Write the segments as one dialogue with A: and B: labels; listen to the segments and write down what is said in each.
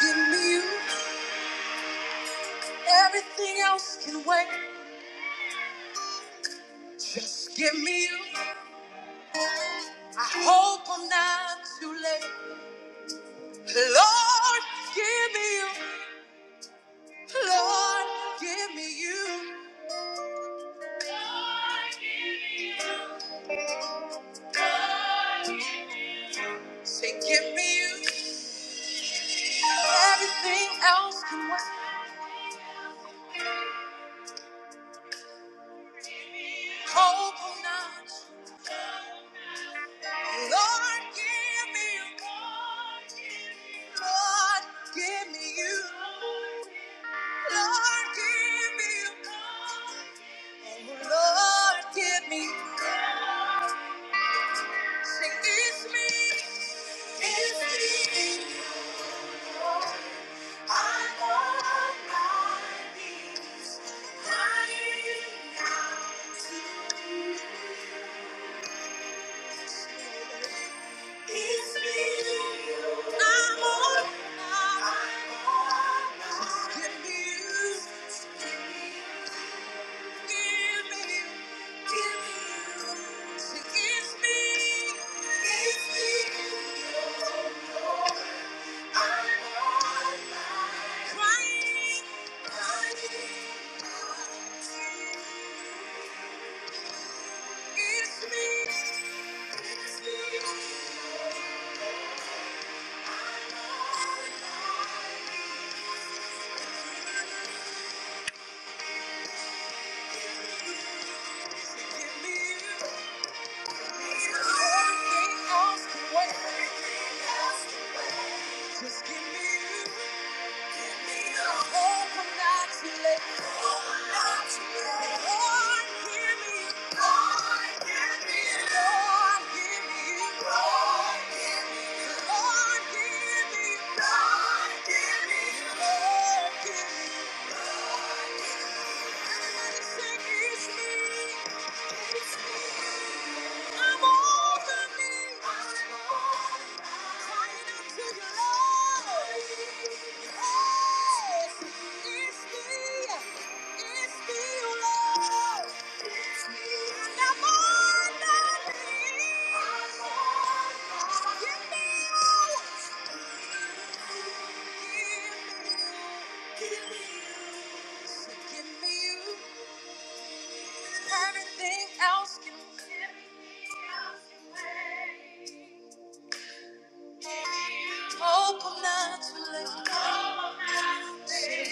A: Give me you. Everything else can wait. Just give me you. I hope I'm not too late. Lord, give me you. Lord, give me you. Say, give me you. Everything else can wait. Hope I'm not. Lord, give me you. Lord, give me you. Lord, give me you. Lord, give me. Say, it's me. Just give me you, give me the hope I'm not too late. Hope I'm not too late. Lord, give me give me you, I'm Thank you.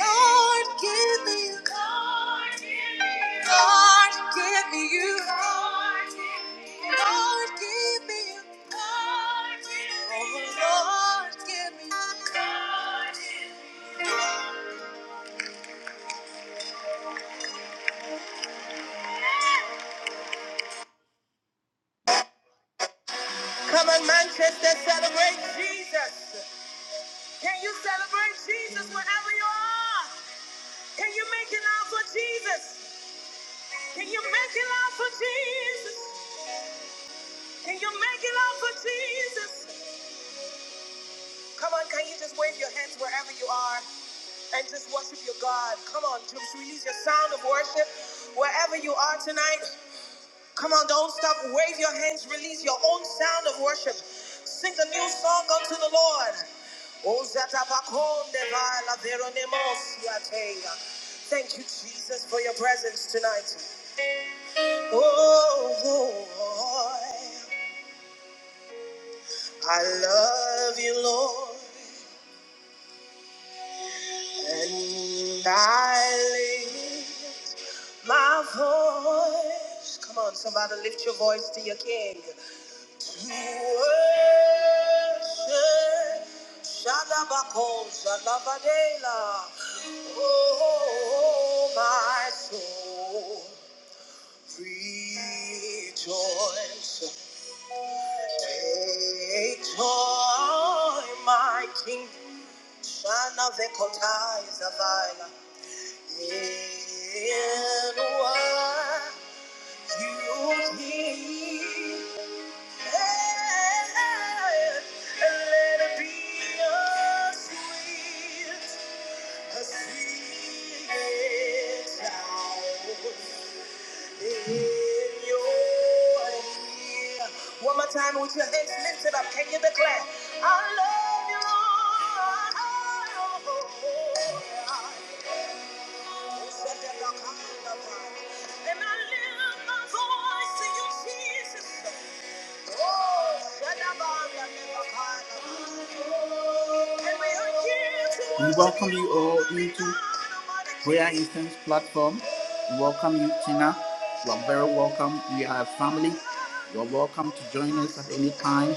A: Lord, give me you. Lord, give me you. Give me a heart, give me. Can you celebrate Jesus wherever you are? Can you make it out for Jesus? Can you make it out for Jesus? Can you make it out for Jesus? Come on, can you just wave your hands wherever you are? and just worship your God. Come on, just release your sound of worship wherever you are tonight. Come on, don't stop. Wave your hands. Release your own sound of worship. Sing a new song unto the Lord. O zatabakonde vala veronemos yateya. Thank you, Jesus, for your presence tonight. Oh, oh, oh, I love you, Lord, and I lift my voice. Come on, somebody, lift your voice to your King. To worship Shalabako, Shalabadela. Oh, my soul, rejoice. Take joy, my King. Shanavekotai Zavila. In what you hear. One more time with your hands lifted up, can you declare? I love you, Lord. Oh, yeah. And I lift my voice to you, Jesus. We welcome you all into Prayer Instance platform. We welcome you, Tina. You are very welcome. We are a family. You are welcome to join us at any time.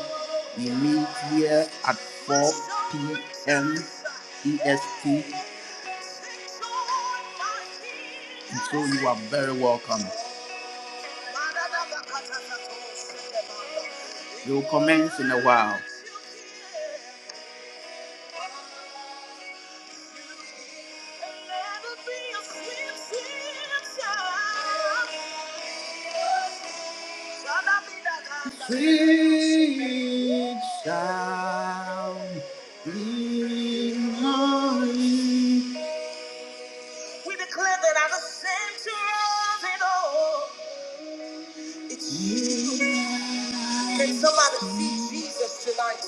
A: We meet here at 4 p.m. EST. And so you are very welcome. You'll commence in a while. Sweet sound in my We declare that I'm the center of it all. It's you. Can somebody see Jesus tonight?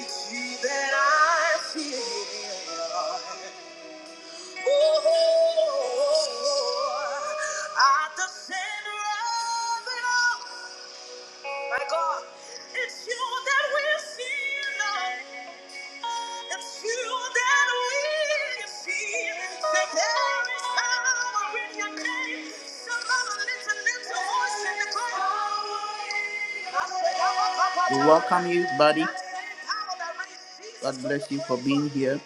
A: It's you that I feel. At the center of it all, my God, it's you that we see, Lord. It's you that we see. That there is power in your name. Somebody lift a lift we welcome you, buddy. God bless you for being here.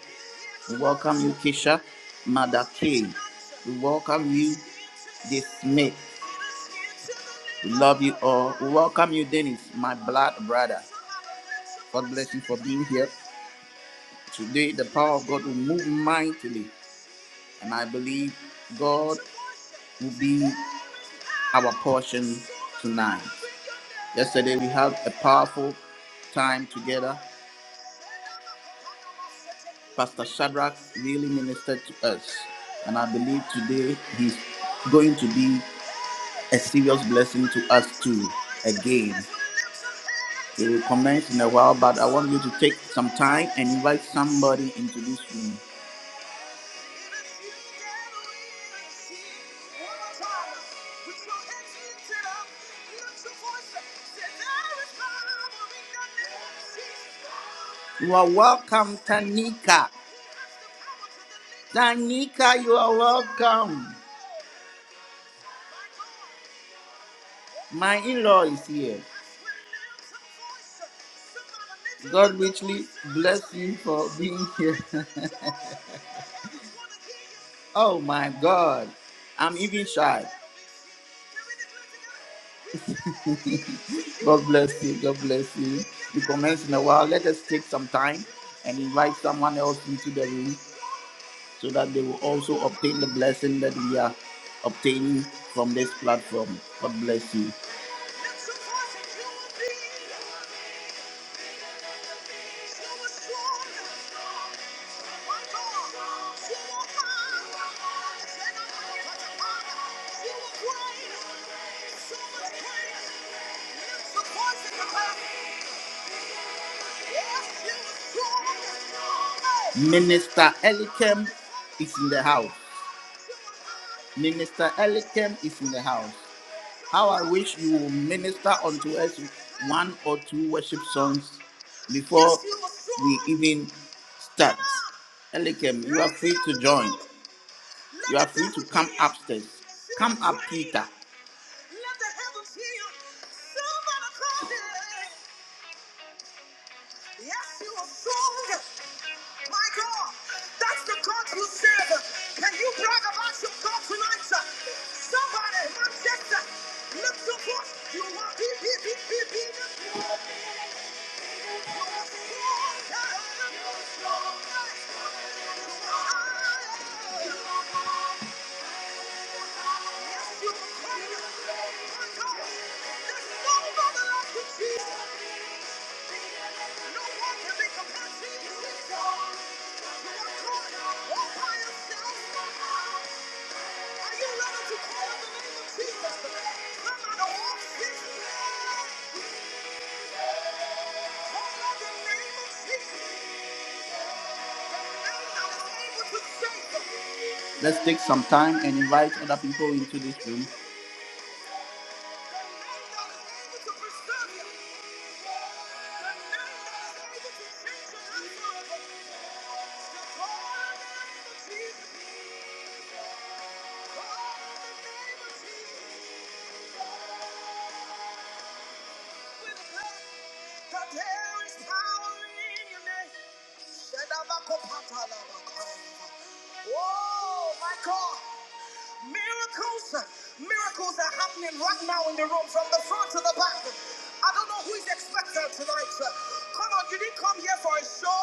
A: We welcome you, Kisha Madake. We welcome you. this May. We love you all. We welcome you, Dennis, my blood brother. God bless you for being here. Today, the power of God will move mightily, and I believe God will be our portion tonight. Yesterday, we had a powerful time together. Pastor Shadrach really ministered to us, and I believe today he's going to be a serious blessing to us too again. We will commence in a while, but I want you to take some time and invite somebody into this room. You are welcome, Tanika. Tanika, you are welcome. My in law is here. God richly bless you for being here. oh my God. I'm even shy. God bless you. God bless you. We commence in a while. Let us take some time and invite someone else into the room. so that they will also obtain the blessing that we are obtaining from this platform. God bless you. Minister Elikem is in the house. Minister Elikem is in the house. How I wish you will minister unto us one or two worship songs before we even start. Elikem, you are free to join. You are free to come upstairs. Come up, Peter. Yes, you are strong. My God, that's the God you serve. Can you brag about your God tonight? sir? Somebody, Manchester, lift up what you are. Be, be, be, be, be. You are strong. Let's take some time and invite other people into this room. That there is power in your name. Oh my God! Miracles, miracles are happening right now in the room, from the front to the back. I don't know who is expected tonight. Come on, you didn't come here for a show.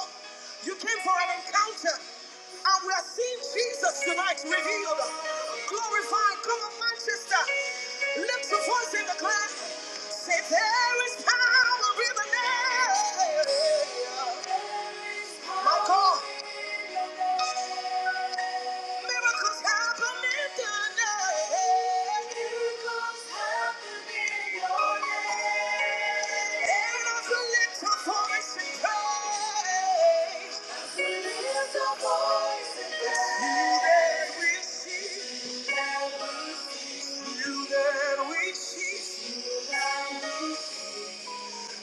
A: You came for an encounter, and we are seeing Jesus tonight revealed, glorified. Come on, Manchester, lift your voice in the class. Say there is power in the name. My God. Miracles happen in your name. Miracles happen in your name. And as you lift your voice and pray, it's you that we see. It's you that we see.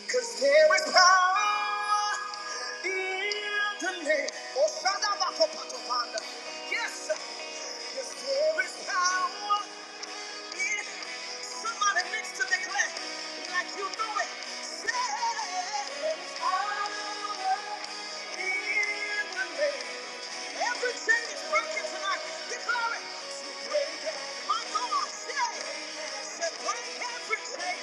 A: Cause there is power in the name. Oh, Shadabakopatopanda. Yes, yes, there is power. Somebody next to their left, like you know it. Say, "Power in the name." Every chain is broken tonight. Declare it. My God, say, say, break every chain.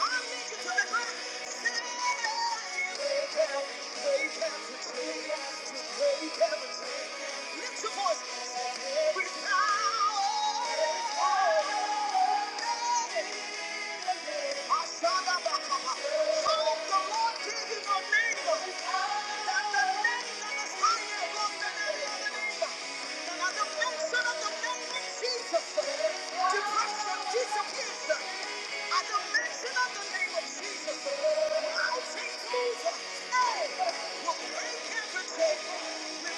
A: I need you to declare. Say, break every chain. Break every chain. Break every chain. Lift your voice. Jesus. Mountains move. Hey,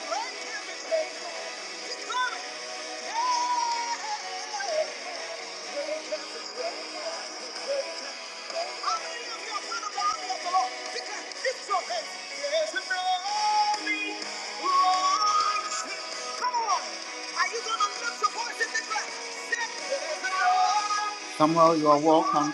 A: everything. Somehow you are welcome.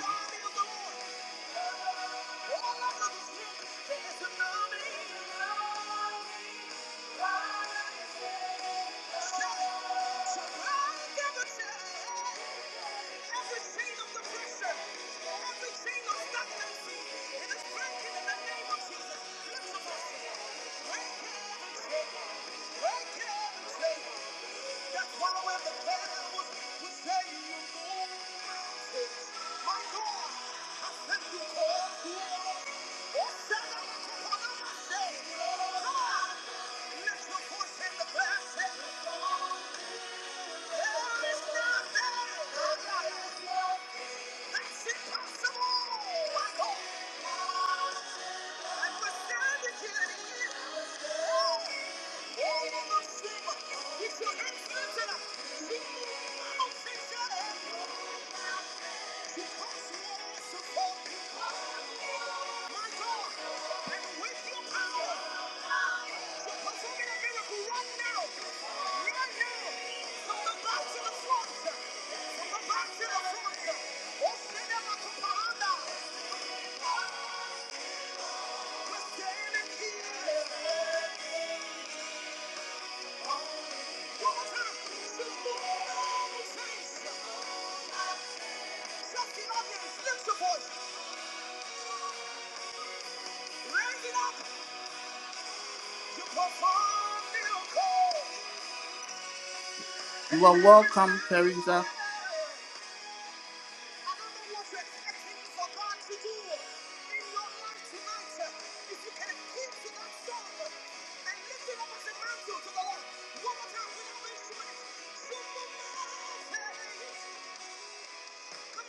A: You are welcome, Teresa.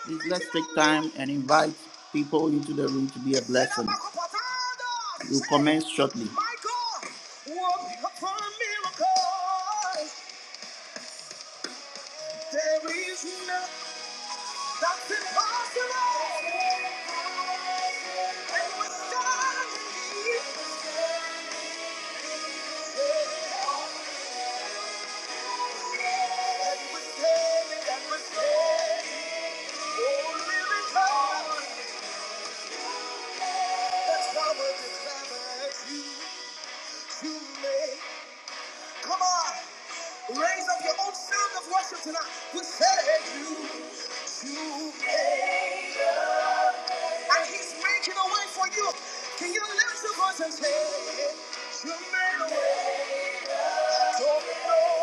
A: Please let's take time and invite people into the room to be a blessing. We'll commence shortly. There is nothing That's impossible. And with God, He is there. and with Him, and with Him, oh, living God, that's how I declare that you, you may. Come on. Raise up your own sound of worship tonight. We said you, you made, and He's making a way for you. Can you lift your voice and say, You made a way? Don't know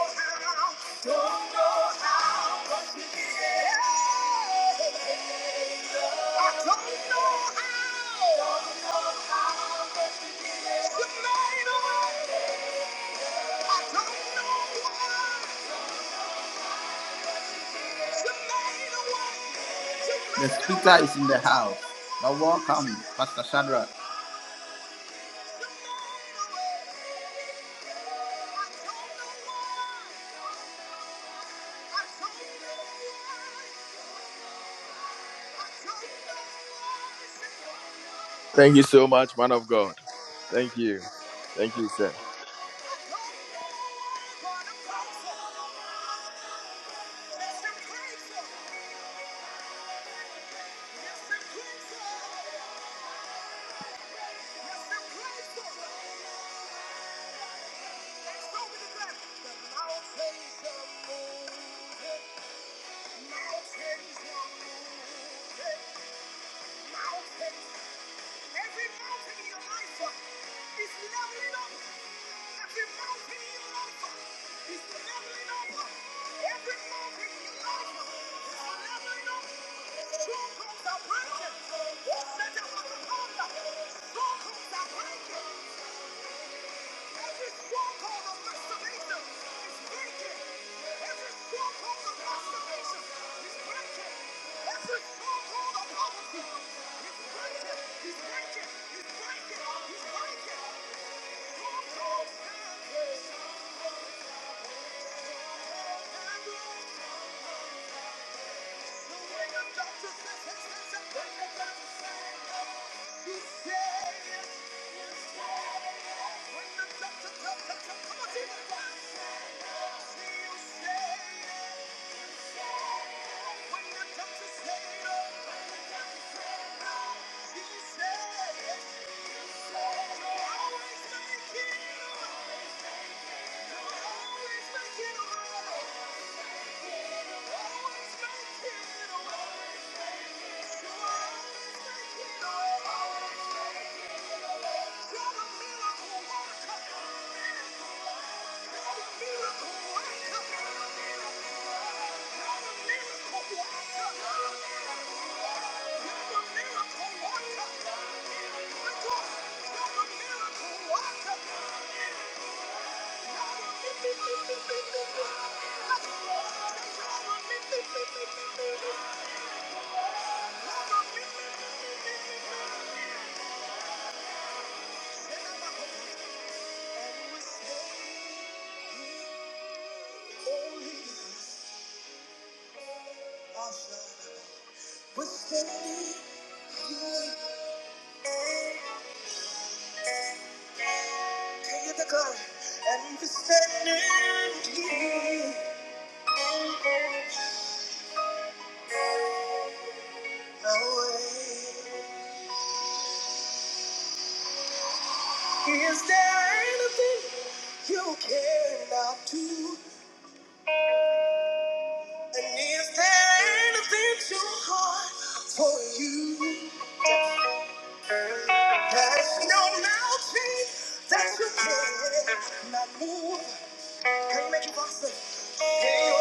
A: how, don't know how, but you did. I don't know how. You The speaker is in the house. Now welcome, Pastor Shadrach.
B: Thank you so much, man of God. Thank you. Thank you, sir.
A: He said, Always gonna keep you. Miracle, what a miracle Thank you. We're standing here. Can you declare? And we're standing here. Away. Is there anything you cannot do? And is there anything too hard for you? There's no mountain that you cannot move. Can you make it faster? Can you?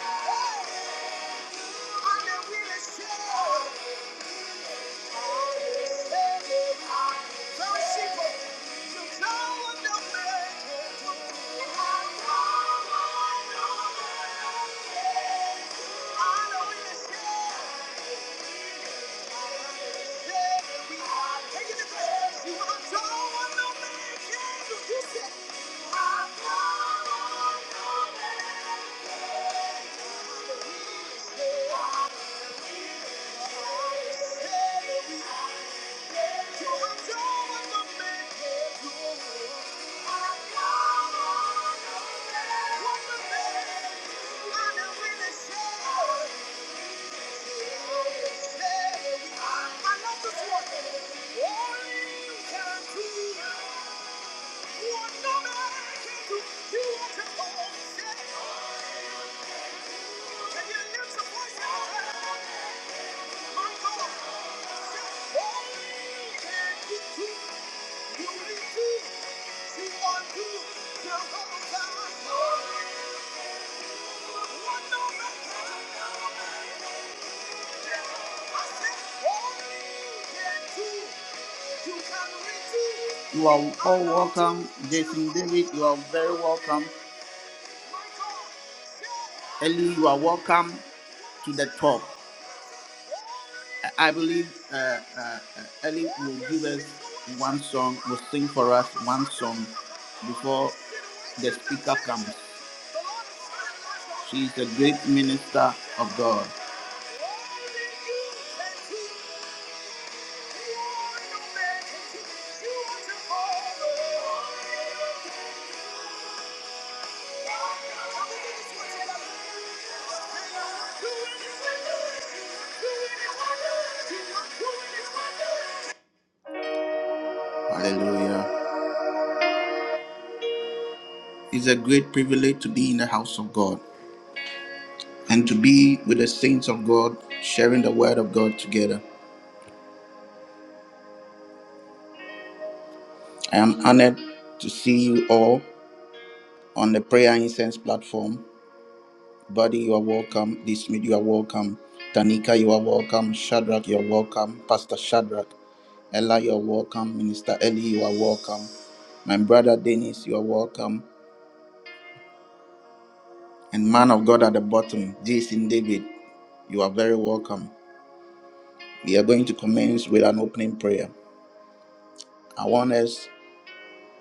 A: Thank you. I The whole time, no one. Thank you. You are all welcome, Jason David. You are very welcome. Ellie, you are welcome to the top. I believe uh, uh, uh, Ellie will give us one song, will sing for us one song before the speaker comes. She is a great minister of God. Hallelujah. It's a great privilege to be in the house of God and to be with the saints of God, sharing the word of God together. I am honored to see you all on the prayer incense platform. Buddy, you are welcome. Dismit, you are welcome. Tanika, you are welcome. Shadrach, you are welcome. Pastor Shadrach. Ella, you're welcome. Minister Ellie, you are welcome. My brother Dennis, you are welcome. And man of God at the bottom, Jason David, you are very welcome. We are going to commence with an opening prayer. I want us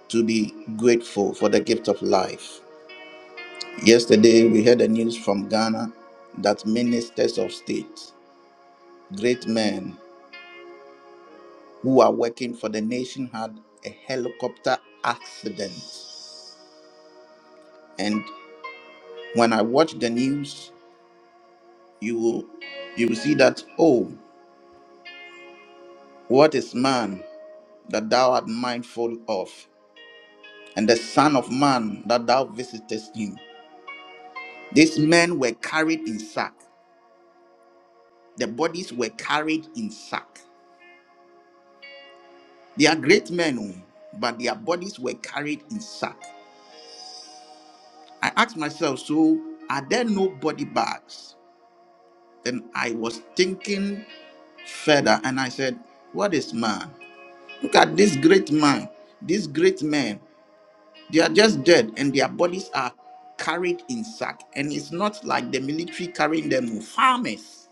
A: to be grateful for the gift of life. Yesterday, we heard the news from Ghana that ministers of state, great men who are working for the nation, had a helicopter accident. And when I watched the news, you will you will see that oh what is man that thou art mindful of and the son of man that thou visitest him these men were carried in sack the bodies were carried in sack they are great men oh, but their bodies were carried in sack i asked myself so are there no body bags then i was thinking further and i said what is man look at this great man this great man They are just dead and their bodies are carried in sack. And it's not like the military carrying them. Farmers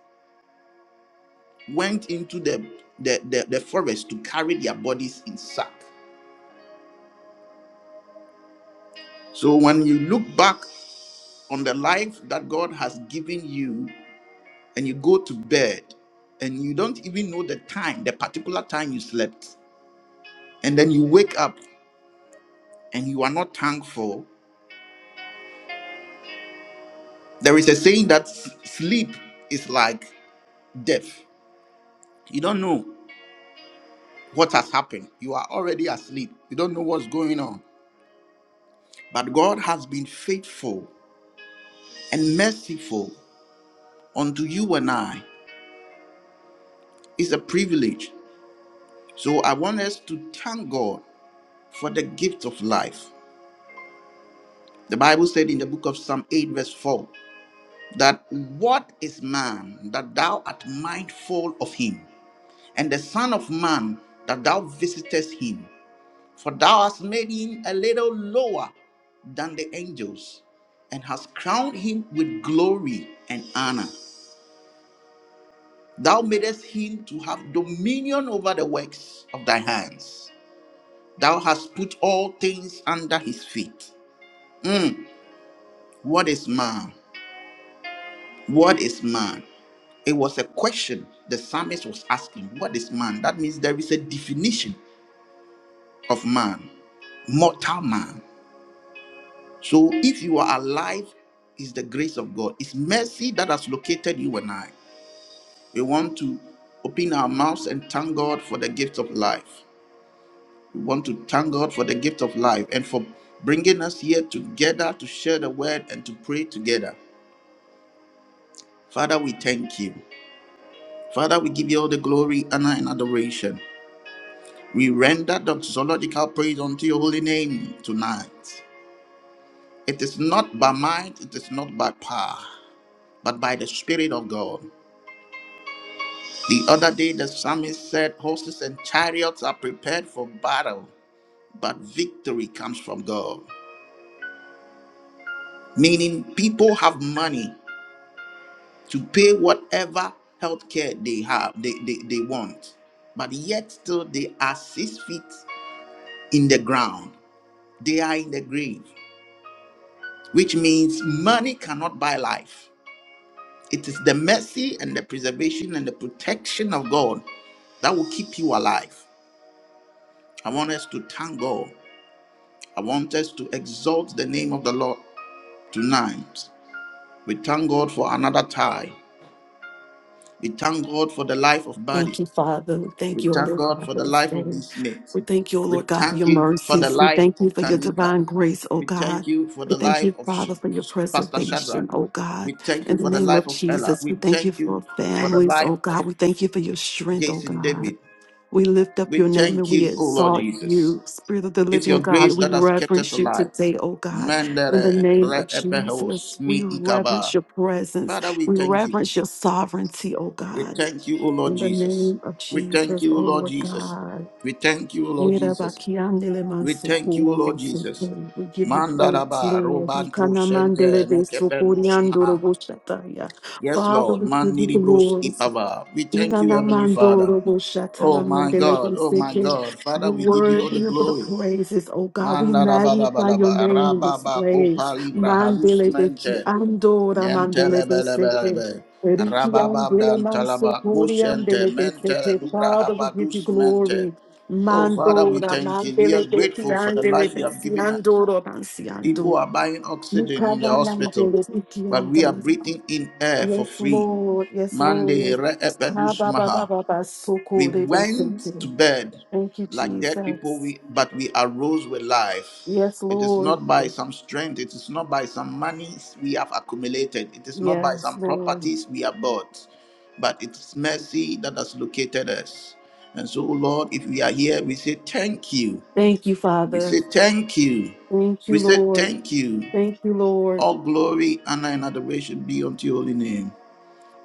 A: went into the, the, the, the forest to carry their bodies in sack. So when you look back on the life that God has given you and you go to bed and you don't even know the time, the particular time you slept, and then you wake up and you are not thankful, there is a saying that s- sleep is like death. You don't know. what has happened. You are already asleep. You don't know what's going on. But God has been faithful and merciful unto you and I. It's a privilege. So I want us to thank God for the gift of life. The Bible said in the book of Psalm 8, verse 4, that what is man that thou art mindful of him, and the Son of Man that thou visitest him? For thou hast made him a little lower than the angels, and hast crowned him with glory and honor. Thou madest him to have dominion over the works of thy hands. Thou hast put all things under his feet. Mm, what is man? What is man? It was a question the psalmist was asking. What is man? That means there is a definition of man, mortal man. So if you are alive, it's the grace of God. It's mercy that has located you and I. We want to open our mouths and thank God for the gift of life. We want to thank God for the gift of life and for bringing us here together to share the word and to pray together. Father, we thank you. Father, we give you all the glory, honor, and adoration. We render doxological praise unto your holy name tonight. It is not by might, it is not by power, but by the Spirit of God. The other day, the psalmist said, Horses and chariots are prepared for battle, but victory comes from God. Meaning, people have money to pay whatever healthcare they have, they, they, they want, but yet still they are six feet in the ground. They are in the grave, which means money cannot buy life. It is the mercy and the preservation and the protection of God that will keep you alive. I want us to thank God I want us to exalt the name of the Lord tonight. We thank God for another time. We thank God for the life of
C: Thank
A: Buddy.
C: you, Father. We
A: We
C: thank you, O
A: thank
C: Lord
A: God
C: God,
A: for
C: for
A: the
C: this
A: life
C: day.
A: of this mate.
C: We thank you, O
A: We
C: Lord God, for
A: thank
C: your
A: you for the
C: mercies. We
A: life
C: thank you
A: of
C: for your
A: Tanika.
C: divine grace, O
A: We thank
C: God.
A: you for
C: We
A: the
C: thank
A: life
C: you,
A: of Sh-
C: Father, for your
A: Pastor
C: preservation,
A: Shadrach.
C: O God.
A: We thank you
C: In the
A: for the
C: name
A: life
C: of
A: of Ella.
C: Jesus, we
A: We
C: thank you
A: thank you
C: for
A: for the
C: families,
A: life
C: O
A: of
C: God. We thank you for your strength, O
A: Jason
C: God.
A: David.
C: We lift up
A: We
C: your name and
A: thank
C: we
A: you, O Lord
C: exalt
A: Jesus.
C: you, Spirit of the
A: It's your
C: living God.
A: grace
C: We
A: that has kept us
C: reverence you
A: alive.
C: today, O God. In the
A: Mandere
C: name
A: re
C: of
A: epehos
C: Jesus, we
A: mi
C: reverence
A: ikaba.
C: your presence.
A: Father, we
C: We
A: thank you.
C: reverence your sovereignty, O
A: We
C: God.
A: thank you, O Lord
C: In the
A: Jesus.
C: name of
A: We
C: Jesus,
A: thank you, O
C: oh
A: Lord
C: Lord
A: Jesus.
C: God.
A: We thank you, O Lord
C: We give
A: Jesus. We thank you, O Lord Jesus.
C: you praise,
A: Mandaraba
C: Lord.
A: robantu sente nekepenusma. Yes,
C: Father,
A: Lord.
C: we give you
A: Mandiribros
C: glory.
A: ipava. We thank you, Heavenly Father.
C: Inanamandoro
A: Oh my
C: boshatalamandele
A: God, oh my
C: beseke.
A: God. Father,
C: You're
A: we give you all the
C: worthy of the
A: glory.
C: praises, oh God. We magnify your
A: Mandarabalabalaba
C: name in this
A: rababa
C: place.
A: kopa libra halus
C: Mandele beki
A: mente
C: andora mandele beseke.
A: Yentelebelebelebe.
C: Eriki andele
A: Rabababdan talaba
C: mansokori
A: kushente
C: andele
A: mentele
C: beseke.
A: lubra
C: Father, we give you
A: havadus mente.
C: glory.
A: Oh, Father, we
C: Mandora
A: thank you. We are
C: mandele beki
A: grateful for the
C: andele
A: life you have
C: besi
A: given us.
C: andoro mansiando.
A: People are buying oxygen in the
C: Nikana
A: hospital,
C: mandele beki
A: but we are
C: andele.
A: breathing in air for
C: Yes,
A: free.
C: Lord. Yes,
A: Mande
C: Lord.
A: re
C: Ah,
A: epedus
C: ba, ba, ba,
A: maha.
C: ba, ba, so
A: We
C: cool, they be
A: went to
C: singing.
A: bed
C: Thank you,
A: like dead people,
C: Jesus.
A: we, but we arose with life.
C: Yes,
A: It is
C: Lord.
A: not by some strength, it is not by some monies we have accumulated, it is not by
C: Yes,
A: some
C: Lord.
A: properties we have bought, but it is mercy that has located us. And so, oh Lord, if we are here, we say thank you.
C: Thank you,
A: We
C: Father.
A: say thank you.
C: Thank
A: We
C: you,
A: say
C: Lord.
A: thank you.
C: Thank you, Lord.
A: All glory, honor, and adoration be unto your holy name.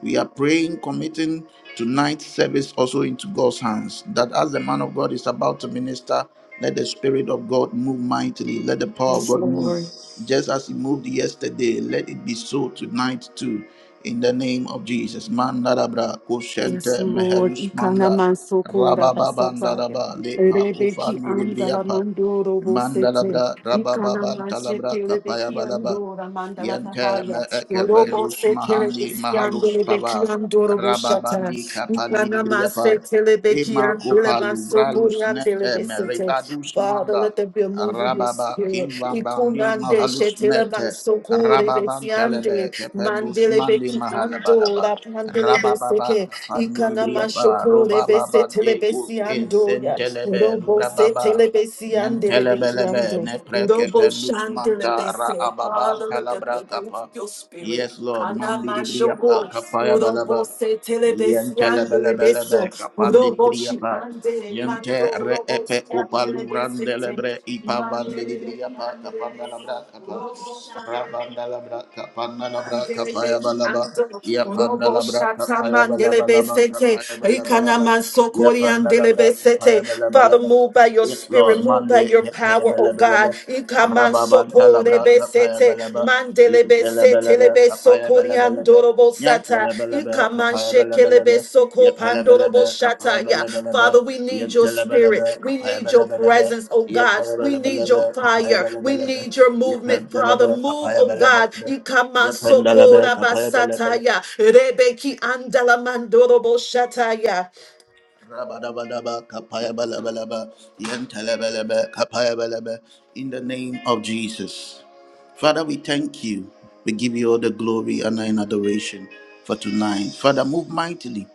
A: We are praying, committing tonight's service also into God's hands. That as the man of God is about to minister, let the Spirit of God move mightily. Let the power of
C: Yes,
A: God move.
C: Lord.
A: Just as He moved yesterday, let it be so tonight too. In the name of Jesus. Mandarabra,
C: Yes,
A: Koshente,
C: Lord.
A: Mehelus Manda,
C: Ikanaman sokora basataya.
A: Rabababandaraba, Lepa,
C: Rebeki
A: Ufandi,
C: andala
A: Libriapa,
C: mandoro bosete.
A: Mandalabra,
C: Ikanaman
A: Rabababantalabra,
C: shekele beki
A: Kapayabalaba.
C: andora mandala
A: Yente me
C: pahaya. Orobo
A: ekevendus
C: sekele
A: mahandi
C: beki
A: mahalus
C: andole beki
A: pava.
C: andoro boshata.
A: Rababandi kapandi
C: Ikanaman
A: briapa.
C: sekele beki
A: Ema
C: andole
A: kopalu
C: basokori
A: bralus
C: andele
A: nete
C: besete.
A: meribadus
C: Father,
A: manda.
C: let there be a move in your
A: Rababa
C: spirit.
A: kimbambandi
C: Ikunande
A: mahalus
C: shetele
A: mete.
C: basokore
A: Rababan
C: beki
A: telebe
C: ande.
A: kependus
C: Mandele
A: mandi
C: beki
A: mahalabalaba.
C: andora pandele beseke.
A: Rabababa kapandi
C: Ikanama
A: libriapa.
C: shoko lebe se
A: Robababa eku
C: telebesi ando ya.
A: kesentelebe
C: Robo se
A: lubrababa.
C: telebesi andelebeki
A: Nentelebelebe,
C: ando. Robo
A: neprekependus manta
C: shandelebe
A: ra
C: se.
A: ababa
C: Father, let the
A: palabra
C: people of
A: kapa.
C: your
A: Yes,
C: spirit.
A: Lord,
C: Kanama
A: mandiri briapa
C: shoko.
A: kapaya balaba.
C: Robo se telebesi
A: Yentelebelebelebe
C: andelebeso.
A: kapandit
C: Robo shi
A: briapa.
C: andele
A: Yente
C: mando.
A: re
C: Robo
A: epe
C: si
A: kupalubran
C: andelebesi te.
A: delebre ipa vandiri
C: Mandelebeki
A: briapa kapandalabra
C: andelebeso.
A: kapa.
C: Robo shandelebe.
A: Rabandalabra kapandalabra
C: Mandele
A: kapaya
C: beki
A: balaba.
C: ando robo
A: Yapandalabra
C: shata
A: kapaya
C: mandele
A: balaba laba
C: besete
A: kapaya balaba
C: ikana
A: laba.
C: mansokori andele
A: Yapandalabra kapaya
C: besete.
A: balaba
C: Father,
A: laba.
C: move by your
A: Yes,
C: spirit,
A: Lord.
C: move by
A: Monday,
C: your power, oh
A: Yapayabelebelebe,
C: God. Ikaman sokore
A: Rababantalabra,
C: besete
A: Kapayabelebe,
C: mandele besete
A: Yentelebelebe,
C: lebe sokori
A: Kapayabelebelebe,
C: andoro
A: Yentelebelebe, Kapayabelebelebe, Yapalebelebe, Kapayabelebelebe,
C: Father, we need your
A: Yentelebelebe,
C: spirit. We need your
A: Kapayabelebelebe,
C: presence, oh God. We need
A: Yapalebelebelebe,
C: your fire. We
A: Kapayabelebelebe,
C: need your movement, Father.
A: Yepentelebe,
C: Move, oh God.
A: Kapayabelebelebe,
C: Ikama
A: Yependelebe,
C: soko
A: Kapayabelebelebe,
C: rabasataya. Rebeki andala mandorobo shataya.
A: Rabadabadaba, kapayabalaba, yentelebelebe, kapayabelebe, In the name of Jesus. Father, we thank you. We give you all the glory, honor, and adoration for tonight. Father, move mightily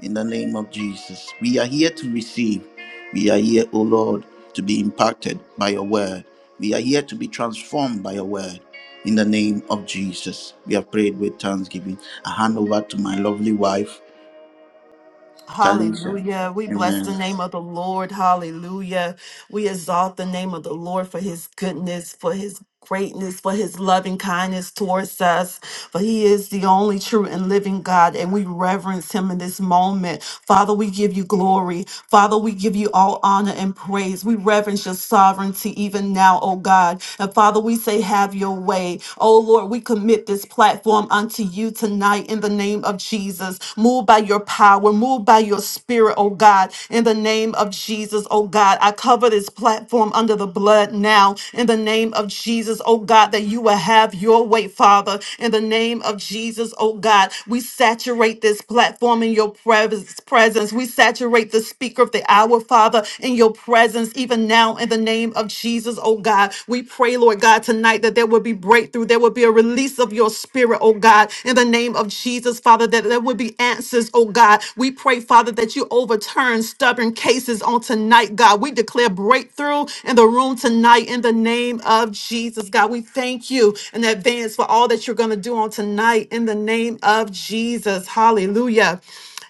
A: in the name of Jesus. We are here to receive. We are here, O Lord, to be impacted by your word. We are here to be transformed by your word. In the name of Jesus, we have prayed with thanksgiving. I hand over to my lovely wife, Talisha. Amen.
C: Lord, for his goodness, for his greatness, for his loving kindness towards us. For he is the only true and living God, and we reverence him in this moment. Father, we give you glory. Father, we give you all honor and praise. We reverence your sovereignty even now, oh God. And Father, we say, have your way. Oh Lord, we commit this platform unto you tonight in the name of Jesus presence. Move by your power. Move by your spirit, oh God. In the name of Jesus, oh God. I cover this platform under the blood now. In the name of Jesus, oh God, that you will have your way, Father. In the name of Jesus, oh God. We saturate this platform in your pres- presence. We saturate the speaker of the hour, Father, in your presence, even now in the name of Jesus, oh God. God. We pray, Lord God, tonight that there will be breakthrough. There will be a release of your spirit, oh God, in the name of Jesus, Father, that there will be answers, oh God. We pray, Father, that you overturn stubborn cases on tonight, God. We declare breakthrough in the room tonight in the name of Jesus, God. We thank you in advance for all that you're going to do on tonight in the name of Jesus. Hallelujah.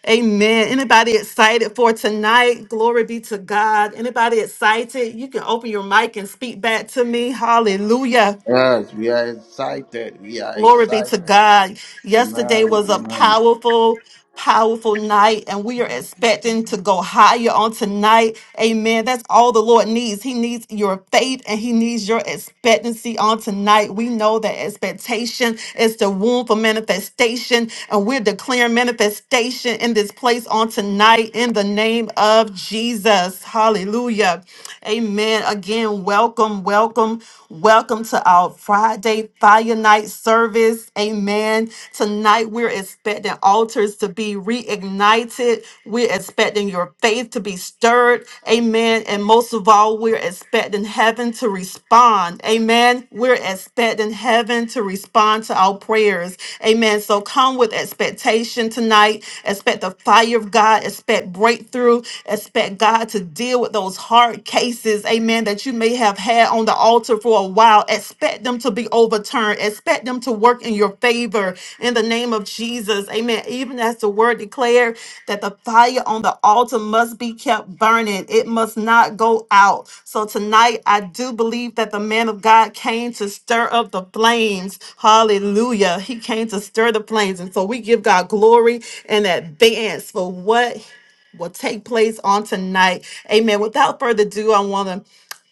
C: Amen. Anybody excited for tonight? Glory be to God. Anybody excited? You can open your mic and speak back to me. Hallelujah.
A: Yes, we are excited. We are
C: Glory be to
A: excited.
C: God. Yesterday
A: Amen.
C: was a
A: Amen.
C: powerful, powerful night, and we are expecting to go higher on tonight. Amen. That's all the Lord needs. He needs your faith and He needs your expectancy on tonight. We know that expectation is the womb for manifestation, and we're declaring manifestation in this place on tonight in the name of Jesus. Hallelujah. Amen. Again, welcome, welcome. Welcome to our Friday Fire Night service. Amen. Tonight, we're expecting altars to be reignited. We're expecting your faith to be stirred. Amen. And most of all, we're expecting heaven to respond. Amen. We're expecting heaven to respond to our prayers. Amen. So come with expectation tonight. Expect the fire of God. Expect breakthrough. Expect God to deal with those hard cases, amen, that you may have had on the altar for a while, expect them to be overturned. Expect them to work in your favor in the name of Jesus, amen. Even as the word declared that the fire on the altar must be kept burning, it must not go out. So tonight, I do believe that the man of God came to stir up the flames. Hallelujah. He came to stir the flames. And so we give God glory in advance for what will take place on tonight. Amen. Without further ado, I want to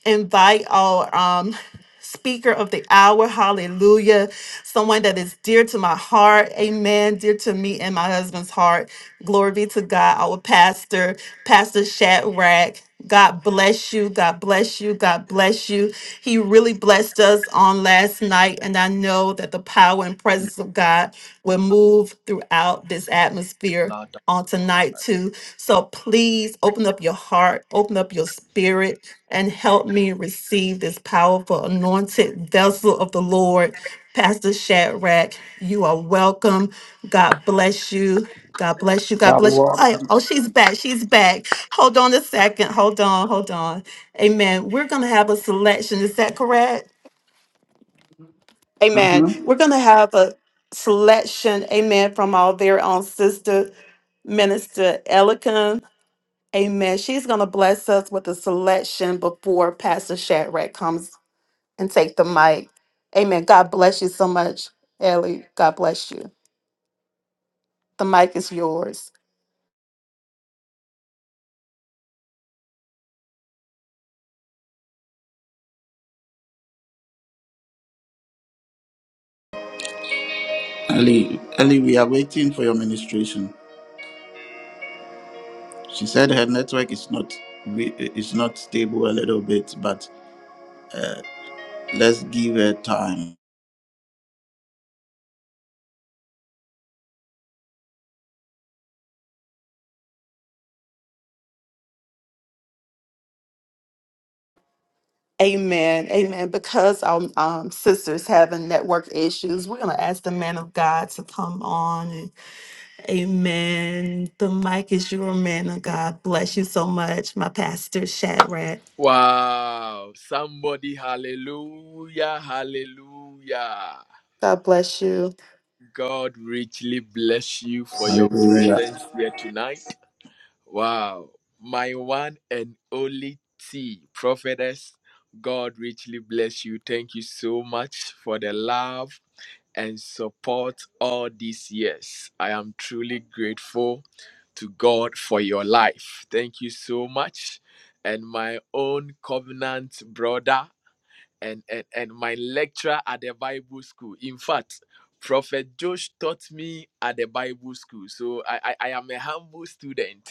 C: invite our um speaker of the hour hallelujah someone that is dear to my heart amen dear to me and my husband's heart glory be to god our pastor pastor shadrach god bless you god bless you god bless you he really blessed us on last night and i know that the power and presence of god will move throughout this atmosphere
B: Love.
C: on tonight too. So please open up your heart, open up your spirit, and help me receive this powerful anointed vessel of the Lord. Pastor Shadrach, you are welcome. God bless you. God bless you. God bless you.
A: Wow.
C: Oh, oh, she's back. She's back. Hold on a second. Hold on. Hold on. Amen. We're going to have a selection. Is that correct? Amen.
A: Uh-huh.
C: We're going to have a selection, amen, from our very own sister, Minister Elikin. Amen. She's going to bless us with a selection before Pastor Shadrach comes and take the mic. Amen. God bless you so much, Ellie. God bless you. The mic is yours.
A: Ellie, Ellie, we are waiting for your ministration. She said her network is not is not stable a little bit, but let's give her time.
C: Amen. Amen. Because our um, sisters having network issues, we're going to ask the man of God to come on Amen. The mic is your man of God. Bless you so much, my pastor Shadrach.
B: Wow. Somebody, hallelujah, hallelujah.
C: God bless you.
B: God richly bless you for your
A: Hallelujah.
B: presence here tonight. Wow. My one and only T, prophetess, God richly bless you. Thank you so much for the love. and support all these years. I am truly grateful to God for your life. Thank you so much. And my own covenant brother and, and, and my lecturer at the Bible school. In fact, Prophet Josh taught me at the Bible school. So I, I, I am a humble student.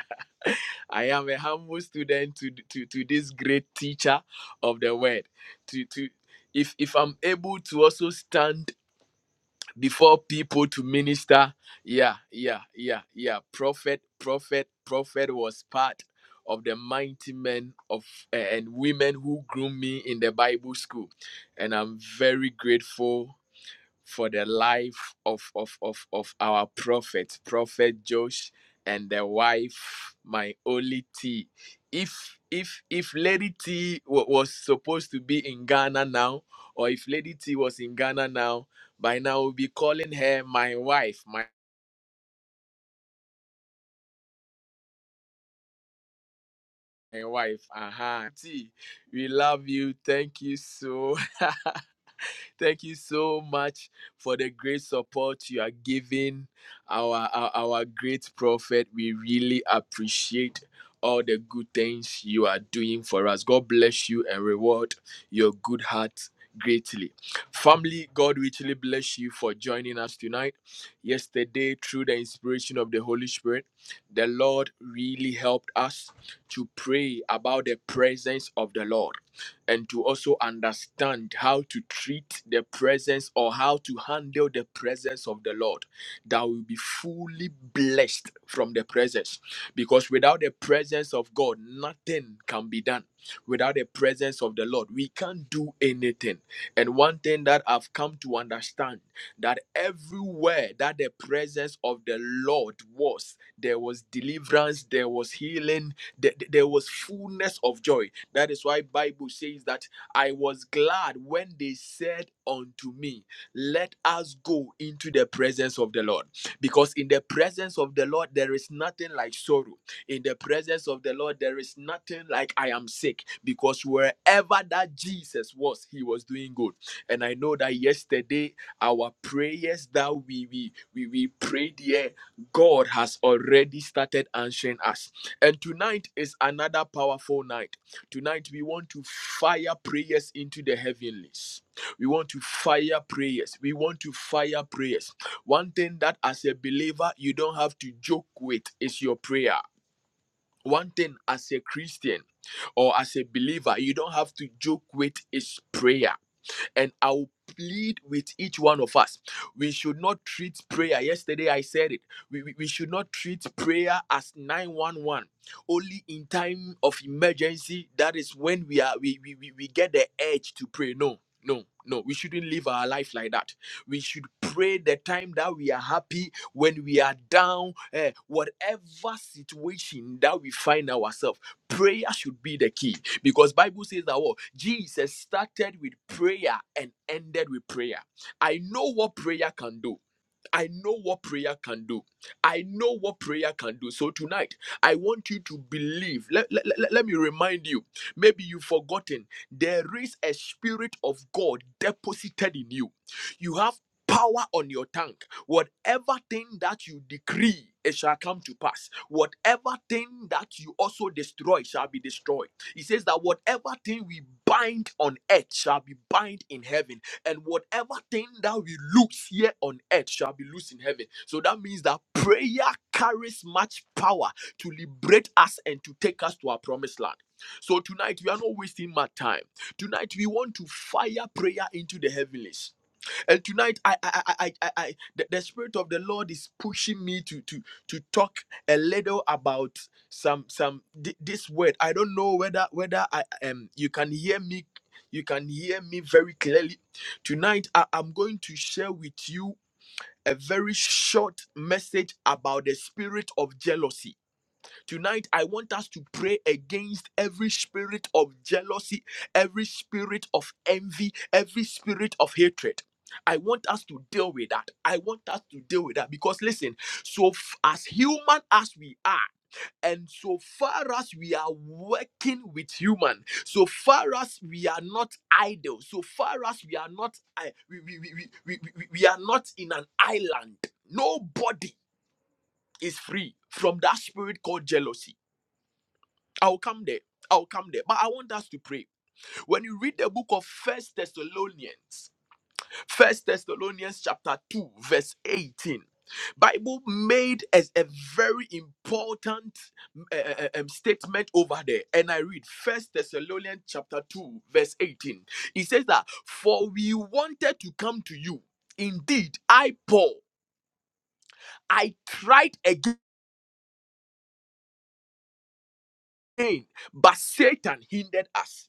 B: I am a humble student to, to, to this great teacher of the word. To, to, if, if I'm able to also stand before people to minister. Yeah, yeah, yeah, yeah. Prophet, prophet, prophet was part of the mighty men of and women who grew me in the Bible school, and I'm very grateful for the life of, of, of, of our prophet, Prophet Josh, and the wife, my only T. If if if Lady T w- was supposed to be in Ghana now, or if Lady T was in Ghana now, by now we'll be calling her my wife, my, my wife. Uh-huh. T, we love you. Thank you so. Thank you so much for the great support you are giving our, our, our great prophet. We really appreciate all the good things you are doing for us. God bless you and reward your good heart greatly. Family, God richly bless you for joining us tonight. Yesterday, through the inspiration of the Holy Spirit, the Lord really helped us to pray about the presence of the Lord and to also understand how to treat the presence or how to handle the presence of the Lord, that will be fully blessed from the presence. Because without the presence of God, nothing can be done. Without the presence of the Lord, we can't do anything. And one thing that I've come to understand that everywhere that the presence of the Lord was, there was deliverance, there was healing, there, there was fullness of joy that is why Bible says that I was glad when they said unto me, Let us go into the presence of the Lord. Because in the presence of the Lord there is nothing like sorrow. In the presence of the Lord there is nothing like I am sick. Because wherever that Jesus was, he was doing good. And I know that yesterday our prayers that we we we, we prayed here, God has already started answering us. And tonight is another powerful night Tonight, we want to fire prayers into the heavenlies. We want to fire prayers. We want to fire prayers. One thing that, as a believer, you don't have to joke with is your prayer. One thing, as a Christian or as a believer, you don't have to joke with is prayer and I will plead with each one of us. We should not treat prayer. Yesterday I said it. We, we, we should not treat prayer as 911. Only in time of emergency, that is when we are we we, we, we get the urge to pray. No. No, no, we shouldn't live our life like that. We should pray the time that we are happy, when we are down, eh, whatever situation that we find ourselves prayer should be the key because bible says that what jesus started with prayer and ended with prayer i know what prayer can do I know what prayer can do. I know what prayer can do. So tonight, I want you to believe. Let, let, let, let me remind you. Maybe you've forgotten. There is a spirit of God deposited in you. You have power on your tongue. Whatever thing that you decree, it shall come to pass. Whatever thing that you also destroy shall be destroyed. He says that whatever thing we bind on earth shall be bind in heaven, and whatever thing that we loose here on earth shall be loose in heaven. So that means that prayer carries much power to liberate us and to take us to our promised land. So tonight we are not wasting much time. Tonight we want to fire prayer into the heavenlies. And tonight, I, I, I, I, I, I- the, the spirit of the Lord is pushing me to to to talk a little about some some thi- this word. I don't know whether whether I um you can hear me, you can hear me very clearly. Tonight, I, I'm going to share with you a very short message about the spirit of jealousy Tonight, I want us to pray against every spirit of jealousy, every spirit of envy, every spirit of hatred. I want us to deal with that. I want us to deal with that because listen, so f- as human as we are, and so far as we are working with human, so far as we are not idle, so far as we are not I we, we, we, we, we, we we are not in an island, nobody is free from that spirit called jealousy I'll come there. I'll come there. But I want us to pray. When you read the book of First Thessalonians, First Thessalonians chapter 2, verse 18. Bible made as a very important uh, uh, um, statement over there, and I read First Thessalonians chapter two, verse eighteen. It says that for we wanted to come to you. Indeed, I Paul, I tried again, but Satan hindered us.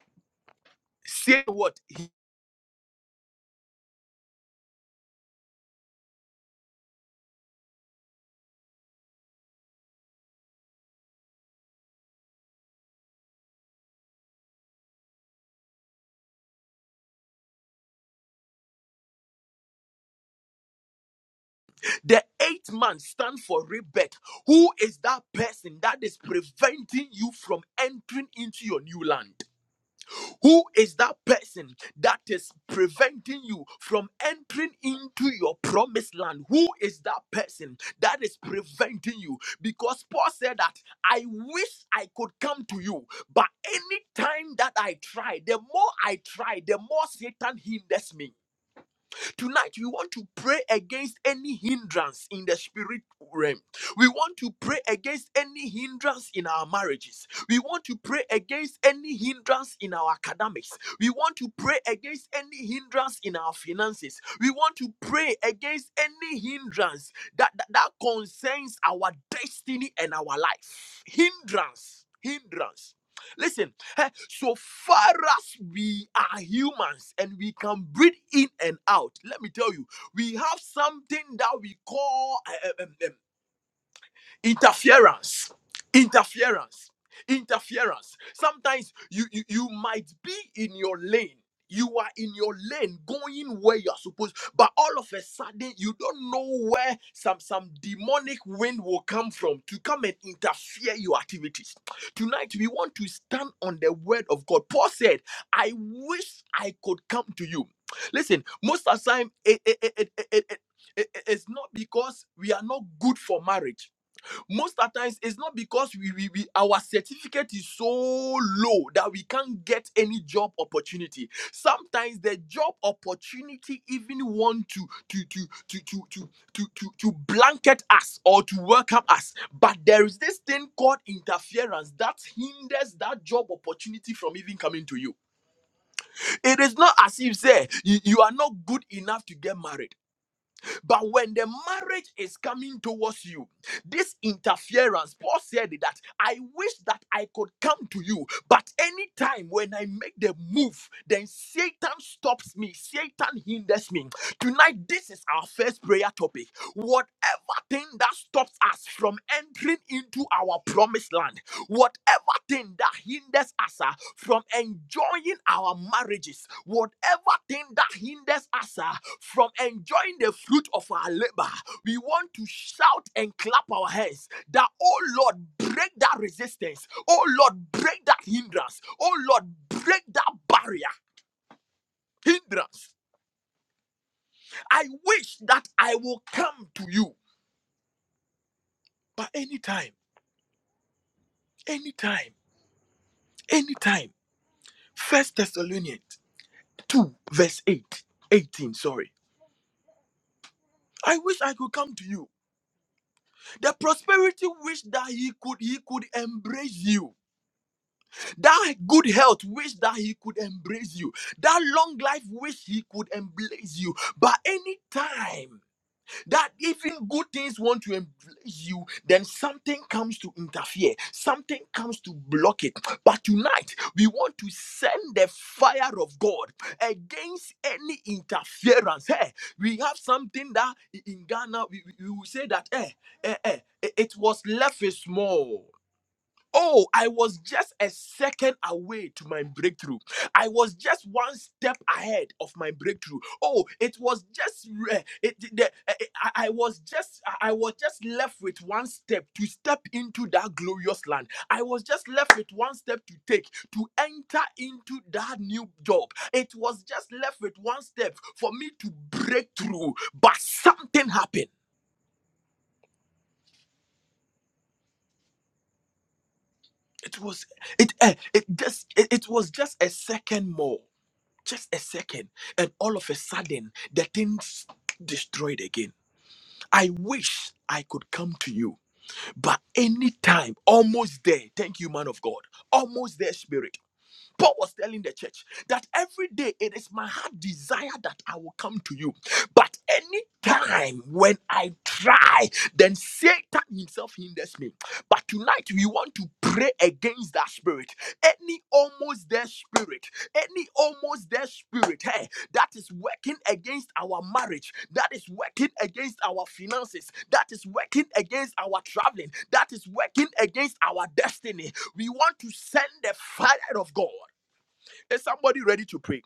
B: Say what? The eighth man stands for rebirth. Who is that person that is preventing you from entering into your new land? Who is that person that is preventing you from entering into your promised land? Who is that person that is preventing you? Because Paul said that I wish I could come to you, but any time that I try, the more I try, the more Satan hinders me. Tonight, we want to pray against any hindrance in the spirit realm. We want to pray against any hindrance in our marriages. We want to pray against any hindrance in our academics. We want to pray against any hindrance in our finances. We want to pray against any hindrance that, that, that concerns our destiny and our life. Hindrance. Hindrance. Listen, Eh, So far as we are humans and we can breathe in and out, let me tell you, we have something that we call eh, eh, eh, eh, interference interference interference sometimes you, you you might be in your lane you are in your lane going where you are supposed but all of a sudden you don't know where some some demonic wind will come from to come and interfere your activities tonight we want to stand on the word of god paul said i wish i could come to you listen most of the time it, it, it, it, it, it- it- it's not because we are not good for marriage most of times it's not because we, we, we our certificate is so low that we can't get any job opportunity sometimes the job opportunity even want to to to to to to to, to, to blanket us or to welcome us but there is this thing called interference that hinders that job opportunity from even coming to you it is not as if say you, you are not good enough to get married but when the marriage is coming towards you, this interference, Paul said that I wish that I could come to you, but anytime when I make the move, then Satan stops me, Satan hinders me. Tonight, this is our first prayer topic. Whatever thing that stops us from entering into our promised land whatever thing that hinders us ah, from enjoying our marriages, whatever thing that hinders us ah, from enjoying the fruit of our labor, we want to shout and clap our hands that, oh Lord, break that resistance. Oh Lord, break that hindrance. Oh Lord, break that barrier, hindrance. I wish that I will come to you, but anytime, anytime, anytime. First Thessalonians. 2, verse 8, 18. sorry. I wish I could come to you. The prosperity wish that he could he could embrace you. That good health wish that he could embrace you. That long life wish he could embrace you. But anytime that even good things want to embrace you, then something comes to interfere, something comes to block it. But tonight, we want to send the fire of God against any interference. Hey, we have something that i- in Ghana we, we we will say that eh, eh, eh, it it was left is small. Oh, I was just a second away to my breakthrough. I was just one step ahead of my breakthrough. Oh, it was just re- it, the, I, I I was just I was just left with one step to step into that glorious land. I was just left with one step to take to enter into that new job. It was just left with one step for me to break through, but something happened. It was it eh, it just it it was just a second more. just a second and all of a sudden the thing's destroyed again i wish i could come to you but anytime almost there thank you man of god almost there spirit Paul was telling the church that every day it is my heart desire that I will come to you. But any time when I try, then Satan himself hinders me. But tonight we want to pray against that spirit. Any almost there spirit, any almost there spirit, hey, that is working against our marriage, that is working against our finances, that is working against our traveling, that is working against our destiny. We want to send the fire of God. Is somebody ready to pray?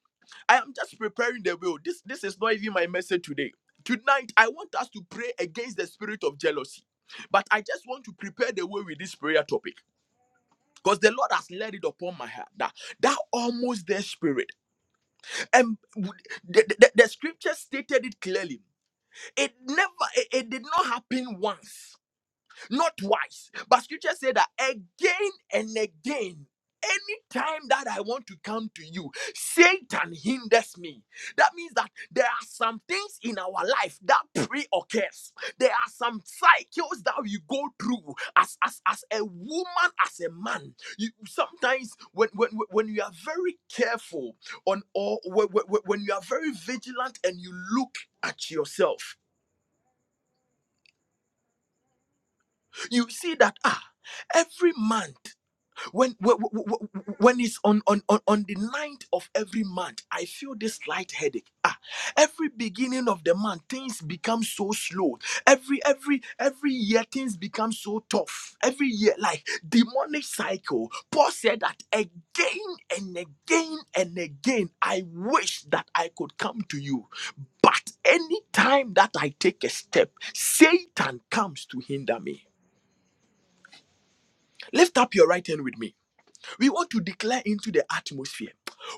B: I am just preparing the will. This this is not even my message today. Tonight I want us to pray against the spirit of jealousy. But I just want to prepare the way with this prayer topic. Because the Lord has laid it upon my heart that that almost their spirit. And w- the, the, the scripture stated it clearly. It never it it did not happen once not twice. But scripture said that again and again, anytime that I want to come to you, Satan hinders me. That means that there are some things in our life that pre-occurs. There are some cycles that we go through as, as, as a woman, as a man. You sometimes when when, when when you are very careful on or when, when, when you are very vigilant and you look at yourself, you see that ah, every month. when when, when it's on, on on on the ninth of every month i feel this light headache ah every beginning of the month things become so slow every every every year things become so tough every year like demonic cycle paul said that again and again and again i wish that i could come to you but anytime that i take a step satan comes to hinder me lift up your right hand with me we want to declare into the atmosphere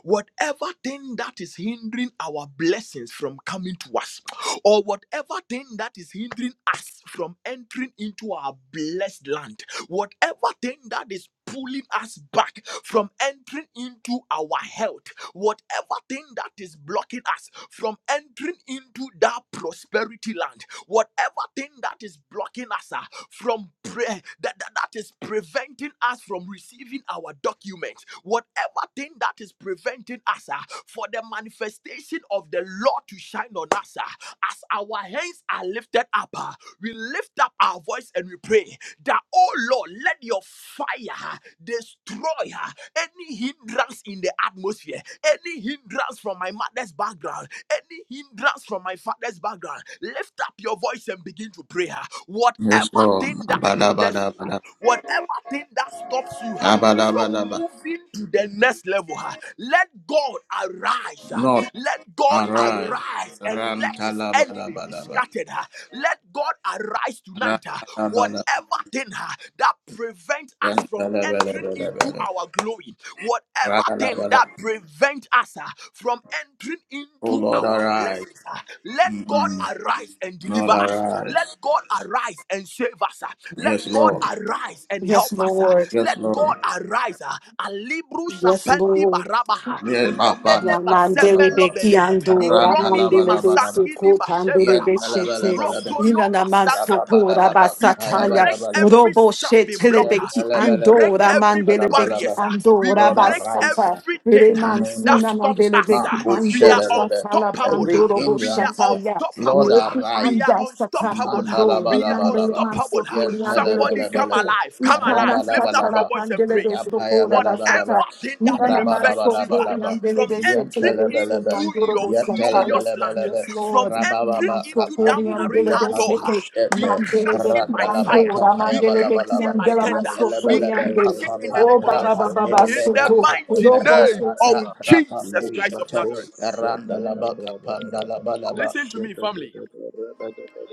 B: whatever thing that is hindering our blessings from coming to us, or whatever thing that is hindering us from entering into our blessed land, whatever thing that is pulling us back from entering into our health, whatever thing that is blocking us from entering into that prosperity land, whatever thing that is blocking us, ah, from prayer that, that, that is preventing us from receiving our documents, whatever thing that is preventing us ah, for the manifestation of the Lord to shine on us, ah, as our hands are lifted up. ah we lift up our voice and we pray that, oh Lord, let your fire destroy uh, any hindrance in the atmosphere, any hindrance from my mother's background, any hindrance from my father's background. Lift up your voice and begin to pray. uh, Whatever
A: Yes,
B: thing
A: Lord.
B: that hinders you, uh,
A: Abadabadabada.
B: whatever thing that stops you uh, from
A: Abadabadaba.
B: moving to the next level, uh, let God arise. uh,
A: Not
B: let God
A: arrive.
B: arise and let his enemy be
A: Rantalabadabadaba.
B: scattered. ah. Let God arise tonight. ah.
A: Rantalabada.
B: Whatever thing ah, that prevents us from entering into
A: Rantalabadabadabada.
B: our glory, whatever thing
A: Rantalabada.
B: that prevents us ah, from entering
A: Oh
B: into
A: Lord,
B: our
A: arise.
B: blessings, ah, let God
A: Mm-mm.
B: arise and
A: Lord,
B: deliver us. Let
A: arise.
B: God arise and save us. ah. Let
A: Yes,
B: God
A: Lord.
B: arise and
C: Yes,
B: help us. ah.
C: Lord.
A: Yes,
B: Let God
A: Lord.
B: Lord, arise. ah, Alibru
C: Yes,
B: sapendi
C: Lord.
B: barabaha.
A: Yes, Baba.
B: Robele
A: na- la- ba- la- ba-
C: Mandele
A: la-
B: basemelo
A: ba.
C: beki
B: bede,
C: andora
A: Ran- la- la-
B: Igromini
A: ba-
C: mandele
A: la- ba- la- ba.
C: besi
B: masangi di
C: kupandele
A: Yan-
B: basheberaba.
A: la- la- ba- la-
C: beshete
A: ba- la- ba.
B: Ropolo
C: inana
A: La- ba-
C: mansopora
B: vasakatapaya. We
C: basataya
B: break every
C: robo
B: stumbling
C: shetele
A: Yan-
B: blocker.
A: la-
C: beki
A: la-
B: We
A: ba- la- ba.
B: break
C: andora
B: every
C: mandele
B: barrier.
C: beki
B: ah. We
C: andora
A: Lord,
B: break
A: arise.
C: basata
B: everything
C: re
A: In the
B: ah,
A: name
B: that
A: of
C: mansuna
B: stops
A: Jesus.
C: mandele
B: us.
A: Ma-
C: beki
B: ah.
A: ku-
B: We
A: sha-
C: ando
B: are
C: shatala
B: unstoppable.
A: Every
B: ah.
C: pandoro bo
B: We
A: hindrance,
B: are
C: shataya
A: Lord,
B: unstoppable. ah.
C: lepi
B: We are
A: arise.
C: anda sata
B: unstoppable.
C: pando re
B: We are
C: mandele
A: Mandalabalabalaba.
B: unstoppable.
C: mansopori andele
B: Somebody come
A: Yantalabalabalaba.
C: besete
B: alive. Come
C: ikana
B: alive. Lift up
C: shatala
A: Rabalabalaba.
B: your voice and
C: pandele
B: pray.
C: besokora
B: Whatever
A: Yapayabalabalaba.
C: basata
B: thing that
C: Inanaman
B: prevents you ah,
C: sotori
A: Rabalabalabalaba.
B: from
C: andelebe
B: entering
C: setelebe
A: Yantalabalaba.
B: into your
C: tsunandorobo sataya.
B: glorious land,
A: Yatalabalabalaba.
C: Yes,
B: from
C: Lord.
B: entering
A: Rabababa.
C: Inanaman
B: into that
C: sotori
B: marital
A: Kapandirubriya
C: andelebe
B: door,
A: pandu
C: sete.
B: ah, we
A: shete.
C: Mandelebe
B: crush it
C: ki
B: by fire.
A: Randalaba.
C: andora.
B: We
C: Mandelebe ki
B: crush it
A: Tapayabalabalaba.
B: by
C: andela man
B: tender. We
C: sotori
A: Yatalabalaba.
C: ande.
B: crush it in the
A: Kapapa.
C: Oh,
B: name of
C: Baba Baba
B: Jesus.
A: Rapa.
C: baba
B: In
A: Nelebe.
B: the
C: Soto.
A: Kapa.
B: mighty
C: Robo
B: name
A: Ratata.
B: of
C: sete.
A: Rapa.
B: Jesus Christ of
A: Kushete.
B: Nazareth.
A: Randalaba. Kapandalabalaba.
B: Listen to me, family.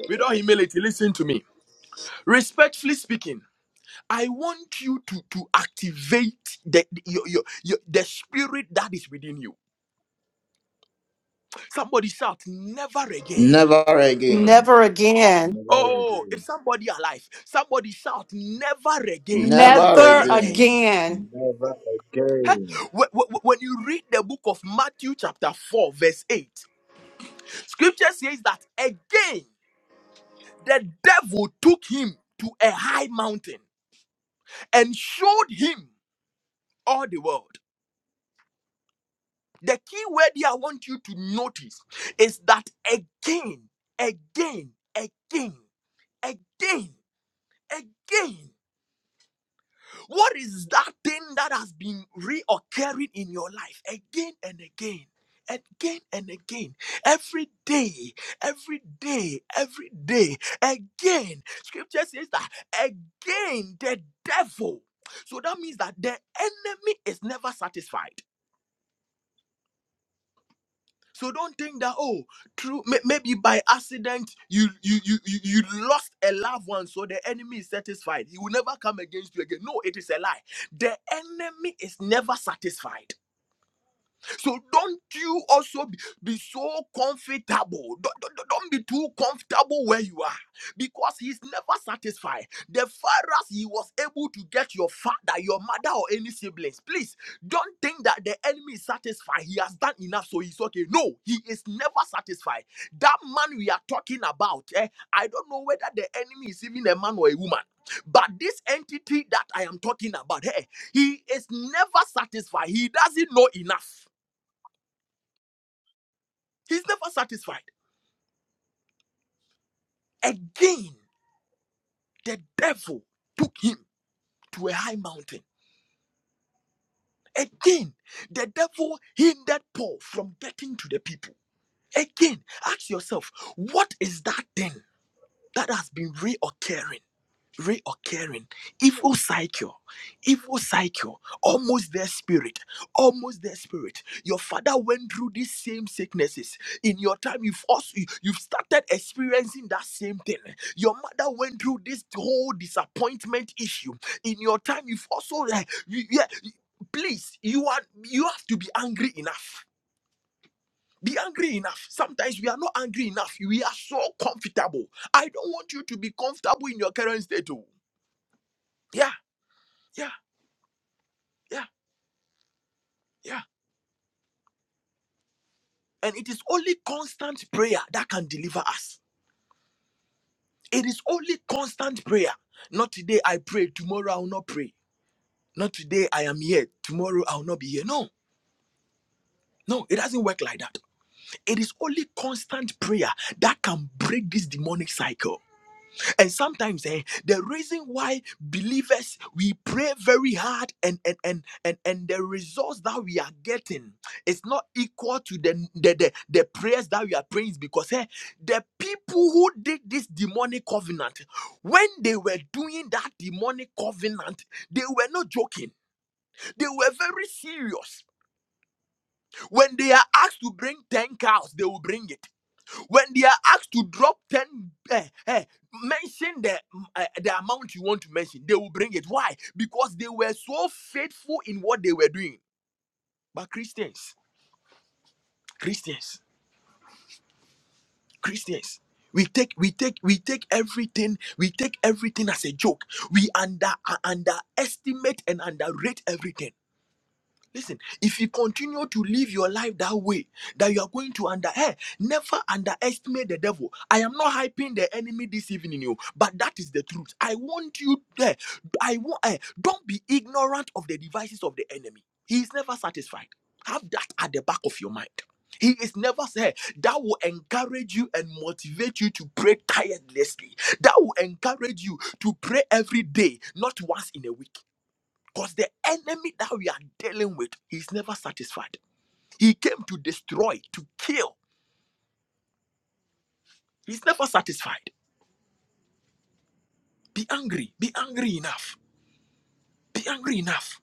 B: With all humility, listen to me. Respectfully speaking. I want you to, to activate the, the- your, your, your, the spirit that is within you. Somebody shout, never again.
A: Never
B: Hmm.
A: again.
C: Never again.
D: Never
B: Oh, if
D: again.
B: somebody alive, somebody shout, never again,
A: Never
B: never
C: Never
A: again.
B: again.
C: again.
D: Never again.
B: Wh- wh- When you read the book of Matthew, chapter 4, verse 8, scripture says that again the devil took him to a high mountain and showed him all the world. The key word here I want you to notice is that again, again, again, again, again. What is that thing that has been reoccurring in your life again and again? Again and again, every day, every day, every day, again. Scripture says that again, the devil. So that means that the enemy is never satisfied. So don't think that oh, true. may- Maybe by accident you you you you you lost a loved one, so the enemy is satisfied. He will never come against you again. No, it is a lie. The enemy is never satisfied. So don't you also be, be so comfortable. Don't, don't, don't- don't be too comfortable where you are because he's never satisfied. The farthest he was able to get your father, your mother, or any siblings. Please don't think that the enemy is satisfied. He has done enough, so he's okay. No, he is never satisfied. That man we are talking about, eh, I don't know whether the enemy is even a man or a woman. But this entity that I am talking about, hey, he is never satisfied. He doesn't know enough. He's never satisfied. Again, the devil took him to a high mountain. Again, the devil hindered Paul from getting to the people. Again, ask yourself, what is that thing that has been reoccurring? reoccurring evil cycle evil cycle almost their spirit almost their spirit your father went through these same sicknesses in your time you've also you- have started experiencing that same thing your mother went through this whole disappointment issue in your time you've also like you, yeah you- please you are you have to be angry enough be angry enough. Sometimes we are not angry enough. We are so comfortable. I don't want you to be comfortable in your current state. Oh. Yeah. Yeah, yeah, yeah. And it is only constant prayer that can deliver us. It is only constant prayer. Not today I pray, tomorrow I will not pray. Not today I am here, tomorrow I will not be here. No, no, it doesn't work like that. It is only constant prayer that can break this demonic cycle. And sometimes eh, the reason why believers we pray very hard and and and and, and the results that we are getting is not equal to the the, the, the prayers that we are praying is because eh, the people who did this demonic covenant, when they were doing that demonic covenant, they were not joking, they were very serious. When they are asked to bring 10 cows, they will bring it when they are asked to drop 10 eh, eh, mention the mm, eh, the amount you want to mention they will bring it why because they were so faithful in what they were doing but christians christians christians we take we take we take everything we take everything as a joke we under uh, underestimate and underrate everything Listen, if you continue to live your life that way, that you are going to under hey, never underestimate the devil. I am not hyping the enemy this evening, you, but that is the truth. I want you there. I want eh, don't be ignorant of the devices of the enemy. He is never satisfied. Have that at the back of your mind. He is never said that will encourage you and motivate you to pray tirelessly. That will encourage you to pray every day, not once in a week because the enemy that we are dealing with, he's never satisfied. He came to destroy, to kill. He's never satisfied. Be angry. Be angry enough. Be angry enough.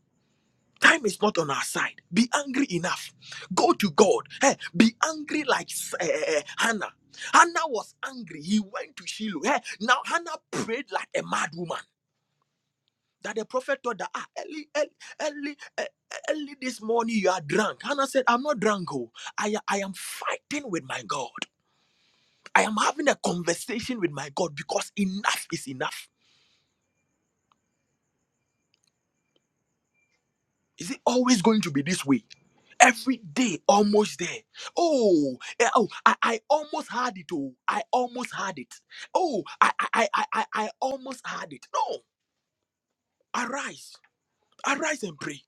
B: Time is not on our side. Be angry enough. Go to God. Hey, be angry like eh, eh, eh, Hannah. Hannah was angry. He went to Shiloh. Hey, now Hannah prayed like a mad woman. That the prophet told her, ah, early, early, early, eh, eh, early this morning you are drunk. Hannah said, I'm not drunk. Oh. I, I am fighting with my God. I am having a conversation with my God because enough is enough. Is it always going to be this way? Every day, almost there. Oh, eh, oh, I, I almost had it. Oh, I almost had it. Oh, I, I, I, I, I almost had it. No, arise, arise and pray.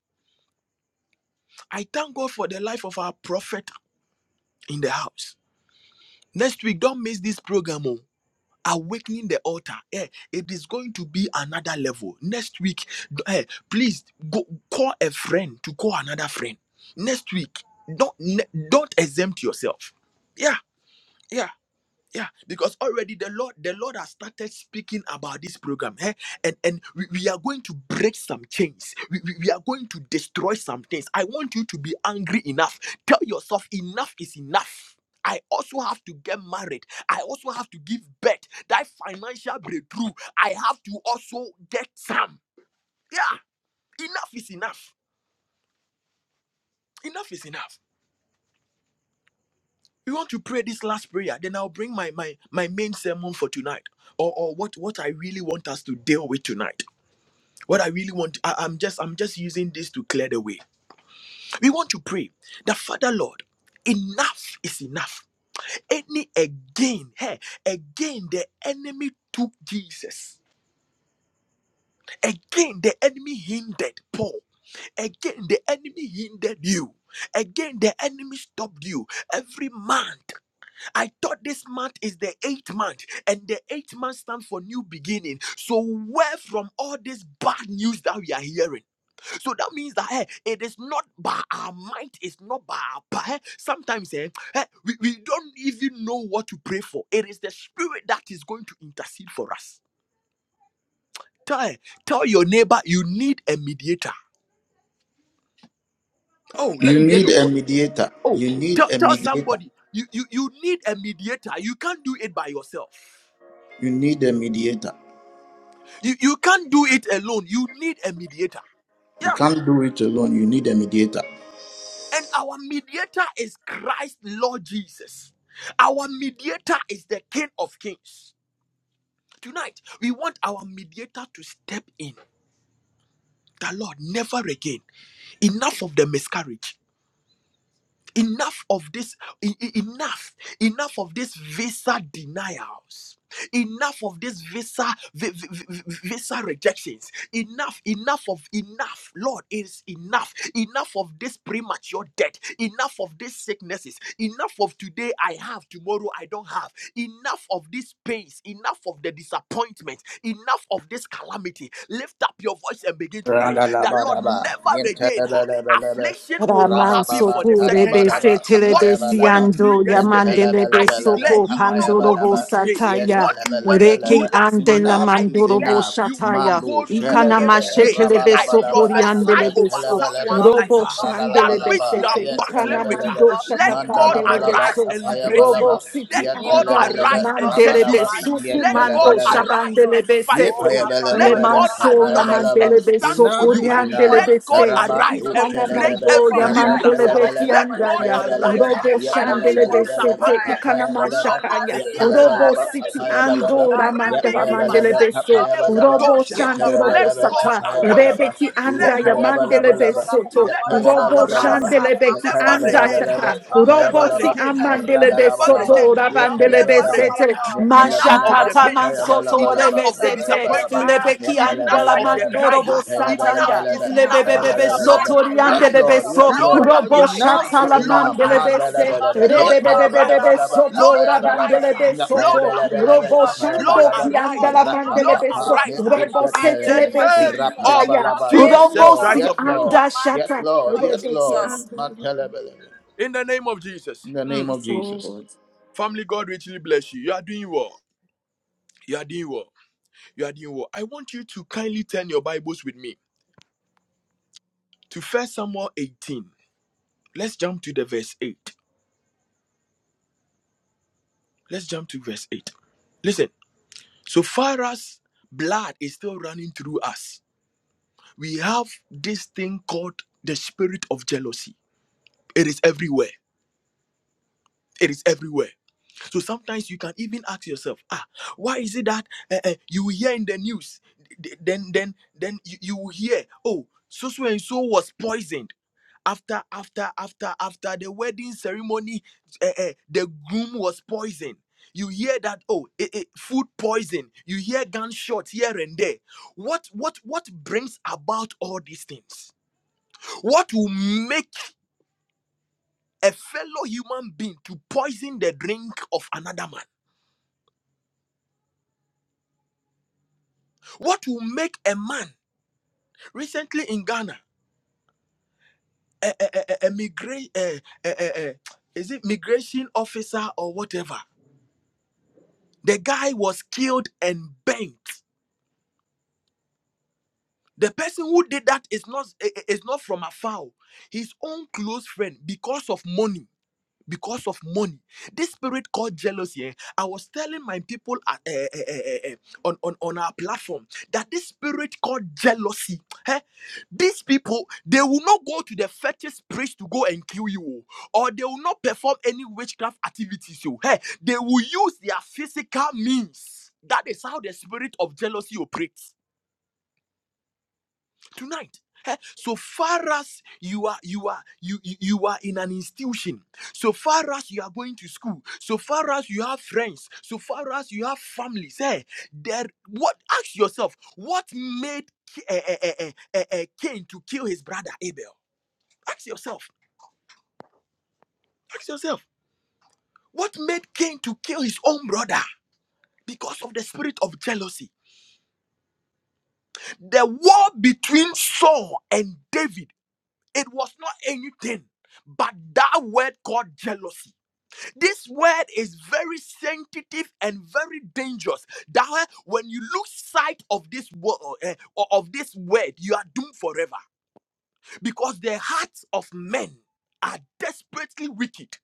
B: I thank God for the life of our prophet in the house. Next week, don't miss this program. oh. awakening the altar eh, it is going to be another level next week eh, please go call a friend to call another friend next week don't ne- don't exempt yourself yeah yeah yeah because already the lord the lord has started speaking about this program eh? and and we, we are going to break some chains we, we, we are going to destroy some things i want you to be angry enough tell yourself enough is enough I also have to get married. I also have to give birth. That financial breakthrough, I have to also get some. Yeah, enough is enough. Enough is enough. You want to pray this last prayer, then I'll bring my my my main sermon for tonight, or or what what I really want us to deal with tonight. What I really want, I, I'm just I'm just using this to clear the way. We want to pray that Father Lord, enough is enough. Any again, hey, again the enemy took Jesus. Again the enemy hindered Paul. Again the enemy hindered you. Again the enemy stopped you. Every month. I thought this month is the eighth month, and the eighth month stands for new beginning. So, where from all this bad news that we are hearing? So that means that eh, it is not by our might, it's not by our power. Hey, Sometimes eh, eh, we, we don't even know what to pray for. It is the spirit that is going to intercede for us. Tell, eh, tell your neighbor you need a mediator. Oh, let
A: You
B: me hear
A: need
B: your
A: a
B: voice.
A: mediator.
B: Oh,
A: You
B: tell,
A: need a
B: tell
A: mediator.
B: somebody you, you, you need a mediator. You can't do it by yourself.
A: You need a mediator.
B: You, you can't do it alone. You need a mediator. Yeah.
A: You can't do it alone. You need a mediator.
B: And our mediator is Christ, Lord Jesus. Our mediator is the King of Kings. Tonight, we want our mediator to step in. The Lord, never again. Enough of the miscarriage. enough of this e- e- enough enough of this visa denials enough of this visa vi- vi- vi- vi- visa rejections enough enough of enough lord it is enough enough of this premature death enough of these sicknesses enough of today i have tomorrow i don't have Enough of these pains, enough of the disappointment, enough of this calamity. Lift up your voice and begin to pray that Lord,
A: Randalabaraba,
B: never again ah,
A: Yentelebelebelebe,
B: affliction will not
C: Raman
B: happen for
A: Rabababa,
B: the
C: soko
B: second
C: rebe
B: time.
C: se
A: Tadabaraba,
C: telebe
B: What you
A: Apayabalaba,
B: went through
C: siando
B: yesterday,
C: yamandelebe
B: I
A: Yentelebelebelebe,
B: declare
C: soko
B: you will not go
C: pandorobo
B: through
A: Apayabalaba,
B: today.
C: sataya
B: What you went through
A: Yentelebelebelebe.
C: reke
B: last
C: ande
B: month,
C: la
A: Enough
B: I
A: is
B: declare
C: mandorobo
A: enough.
B: you will not
C: shataya
A: Mandu
B: go
E: Oh,
B: through
C: ukana
E: God,
B: it
A: Shedelebe,
B: today.
C: mashekelebe
B: I
C: soko
A: Rabadabalaba,
B: prophesy over
C: riandelebe so
A: Yentelebelebe,
B: someone's life
C: robo
B: ah, that
C: shandelebe
B: which you
A: Radalabalaba,
B: are
C: sete ukana
B: battling with, ah,
A: Yentelebelebe,
C: mando
B: let God arise
C: shatapandelebe
A: Mandalabalaba,
B: arise
C: so
B: and liberate you.
A: Apayabalaba,
C: robo
B: Let
C: city
B: God
C: anda
A: Yentelebelebe,
C: mandele
B: arise and set you
C: mandelebe
A: Rabadaba,
B: free.
C: suku
B: Let God
C: mando
A: Yentelebelebe,
B: arise and
C: shabandelebe
B: fight
A: Yep,
B: for
C: sete
B: you.
E: Father,
B: Let
C: Le
A: ayabalabala,
B: God
E: God,
C: manso na
B: arise
A: apayabalaba.
B: and
C: mandele be
B: stand
C: so
B: for
A: Enough
B: you.
A: is
B: eh.
E: you
C: puriandele
A: enough.
C: be
E: know,
B: Let God
C: se.
A: Rabba
B: arise
E: Oh God,
A: to
B: and
C: Ikana
B: break
A: shadalaba,
C: mando
B: every
C: ya
A: the red
E: in
B: hindrance.
E: the
C: mandele
B: ah.
C: be
E: mighty
A: halabalaba,
E: name of
B: Let
C: kianda
B: God
E: Jesus,
A: apayabalaba,
B: arise. ah.
C: Robo
A: yep,
E: everywhere I'm
C: shandele be
B: Alibru
E: struggling,
C: se
E: oh
A: halabalabalaba,
C: te
B: shapande.
E: God,
B: eh?
C: ikana
E: my
A: apayabalaba,
B: Lobro
C: manshakaya.
A: yep,
E: finances,
B: melia
E: oh God,
C: Robo
A: halabalaba,
B: zapole
E: in
C: city
B: bekusha.
E: ministry, oh
A: apayabalaba,
E: God,
C: andora
E: in my
A: yep,
C: ramandela
B: Rebidi
E: business, oh
C: mandele
A: ayabalaba,
E: God,
C: be
E: in
B: vasenge
C: so.
E: love,
B: de
E: in
A: apayabalaba.
E: love,
C: Robo
B: bratosha.
E: in
A: Yet
B: eh?
A: I
E: the
C: shande
A: have a
C: robo
E: mighty
B: Let
E: name
A: lava,
E: of
B: God
C: sata.
E: Jesus,
B: arise.
E: every
B: ah.
C: Rebeki
E: enemy, oh
A: yet
C: andaya
B: Let
A: I
E: God,
B: God
A: have
E: any
A: a
C: mandele
E: forces,
C: be
B: arise.
E: oh
A: lava,
E: God,
B: eh?
E: from my
C: soto.
A: yet
B: Let
A: I
E: mother's
A: have
B: God
E: side,
C: Robo
E: my
A: a
B: arise.
E: father's
A: lava,
B: ah.
E: side,
C: shandele
E: from
C: be
E: my
A: Yes,
C: ki
E: husband's
B: Never
C: anda
E: side,
B: again. ah.
E: enough is
C: Robo
B: Never
C: si
E: enough
B: again.
E: in love, in
B: ah.
E: the name of
C: amandele be
B: Never
E: Jesus,
C: soto
B: again. ah.
E: enough is
B: Never
E: enough,
B: again.
C: besete
E: Father
B: ah.
E: God,
B: Enough of
E: arise
B: the
C: mashakata
E: tonight
B: pains.
E: in
B: ah.
E: the
C: mansoto
E: name of
B: Enough of the
E: Jesus,
C: rebesete
B: disappointment. ah.
E: arise
C: lebeki
E: tonight in the
B: Enough
C: andala
B: of
E: mighty
B: the
E: name of
C: mandoro
B: cry. ah.
E: Jesus, fight for
B: Enough
C: bosataya
E: me,
B: is
E: oh
B: enough.
E: God.
B: ah.
E: In
C: lebebebebe
E: the
B: Lord,
E: mighty name of
C: sotoriande
B: arise. ah.
A: Lord.
E: Jesus,
C: bebeso
A: Yes,
E: fight
B: Lord,
E: for
A: Lord.
E: your
C: robo
E: men of
A: Enough
B: arise.
E: God
B: ah.
E: and your
A: it's
C: shatala
E: woman
B: Lord,
E: of
A: enough.
C: mandele
E: God.
B: arise.
C: bese
A: Mandala
B: ah.
E: Enough
A: balaba.
E: is
B: Lord,
A: Yep, haya
E: enough, oh God.
A: balaba
B: arise.
C: rebebebebebe
E: We
B: ah.
A: laba.
E: commit a
C: soto
B: Lord,
A: Haya
E: ministry in
A: balaba.
E: your
C: rabandele
B: arise.
E: hand.
B: ah.
A: Nga haya
C: besoto
B: Lord,
E: Enough
A: balaba
E: is
A: laba.
B: arise.
C: robo
B: ah.
E: enough.
A: Haya
C: shando
B: Lord,
E: Enough
A: balaba.
E: is enough.
B: arise.
C: kiandala
B: ah.
A: Rapa
E: Enough
C: mandele
A: pa
E: is
B: Lord,
A: pa.
C: beso
E: enough.
B: arise. ah.
E: In the
C: Robo
A: Nekusha
B: In
E: mighty
B: the
C: setele
A: terebe.
E: name of
C: besi
B: name
A: Rapa
E: Jesus,
B: of
A: laba
C: andaya
E: enough
A: laba.
E: is
A: Yes,
C: robo
B: Jesus
A: Lord.
C: si
E: enough.
B: Christ
A: Yes,
B: of
E: In the
B: Nazareth.
A: Lord.
C: anda
A: Yes,
E: mighty
C: shata
E: name
A: Lord.
E: of
A: Yes,
C: rebeki
E: Jesus.
A: Lord.
C: anda
A: Mandala balaba.
B: In the name of Jesus.
A: In the name
B: Mm.
A: of
C: Yes,
A: Jesus.
C: Lord.
B: Family, God richly bless you. You are doing well. You are doing well. You are doing well. I want you to kindly turn your Bibles with me to First Samuel 18. Let's jump to the verse 8. Let's jump to verse 8. Listen, so far as blood is still running through us, we have this thing called the spirit of jealousy. It is everywhere. It is everywhere. So sometimes you can even ask yourself, ah, why is it that uh, uh, you hear in the news, th- then then then you, you will hear, oh, so so and so was poisoned after after after after the wedding ceremony, uh, uh, the groom was poisoned. You hear that oh, eh, eh, food poison. You hear gunshots here and there. What what what brings about all these things? What will make a fellow human being to poison the drink of another man? What will make a man recently in Ghana, a, a, a, a, migra- a, a, a, a- is it migration officer or whatever? The guy was killed and burnt. The person who did that is not i- i- is not from afar. oh. His own close friend because of money because of money. This spirit called jealousy. eh, I was telling my people at, eh, eh, eh, eh, eh, on, on, on our platform that this spirit called jealousy, eh, these people, they will not go to the fetish priest to go and kill you, oh, or they will not perform any witchcraft activities. So, hey, they will use their physical means. That is how the spirit of jealousy operates tonight eh, so far as you are you are you you you are in an institution so far as you are going to school so far as you have friends so far as you have families eh, there what ask yourself what made K- eh, eh, eh, eh, eh, eh, cain to kill his brother abel ask yourself ask yourself what made cain to kill his own brother because of the spirit of jealousy the war between saul and david It was not anything but that word called jealousy. This word is very sensitive and very dangerous. That why when you lose sight of this word eh, or of this word, you are doomed forever because the hearts of men are desperately wicked.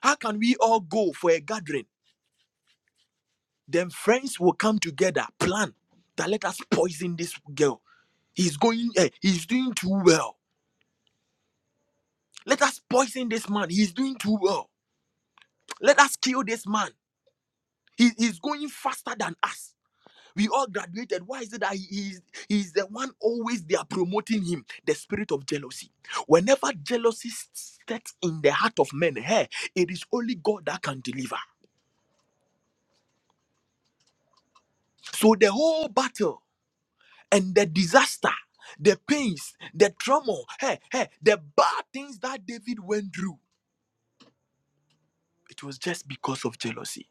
B: How can we all go for a gathering? Then friends will come together, plan that let us poison this girl. He's going, eh, he's doing too well. Let us poison this man. He's doing too well Let us kill this man. He is going faster than us. We all graduated. Why is it that he is, he is the one always they are promoting him? The spirit of jealousy. Whenever jealousy sets in the heart of men, hey, it is only God that can deliver. So the whole battle and the disaster, the pains, the trauma, hey, hey, the bad things that David went through, it was just because of jealousy.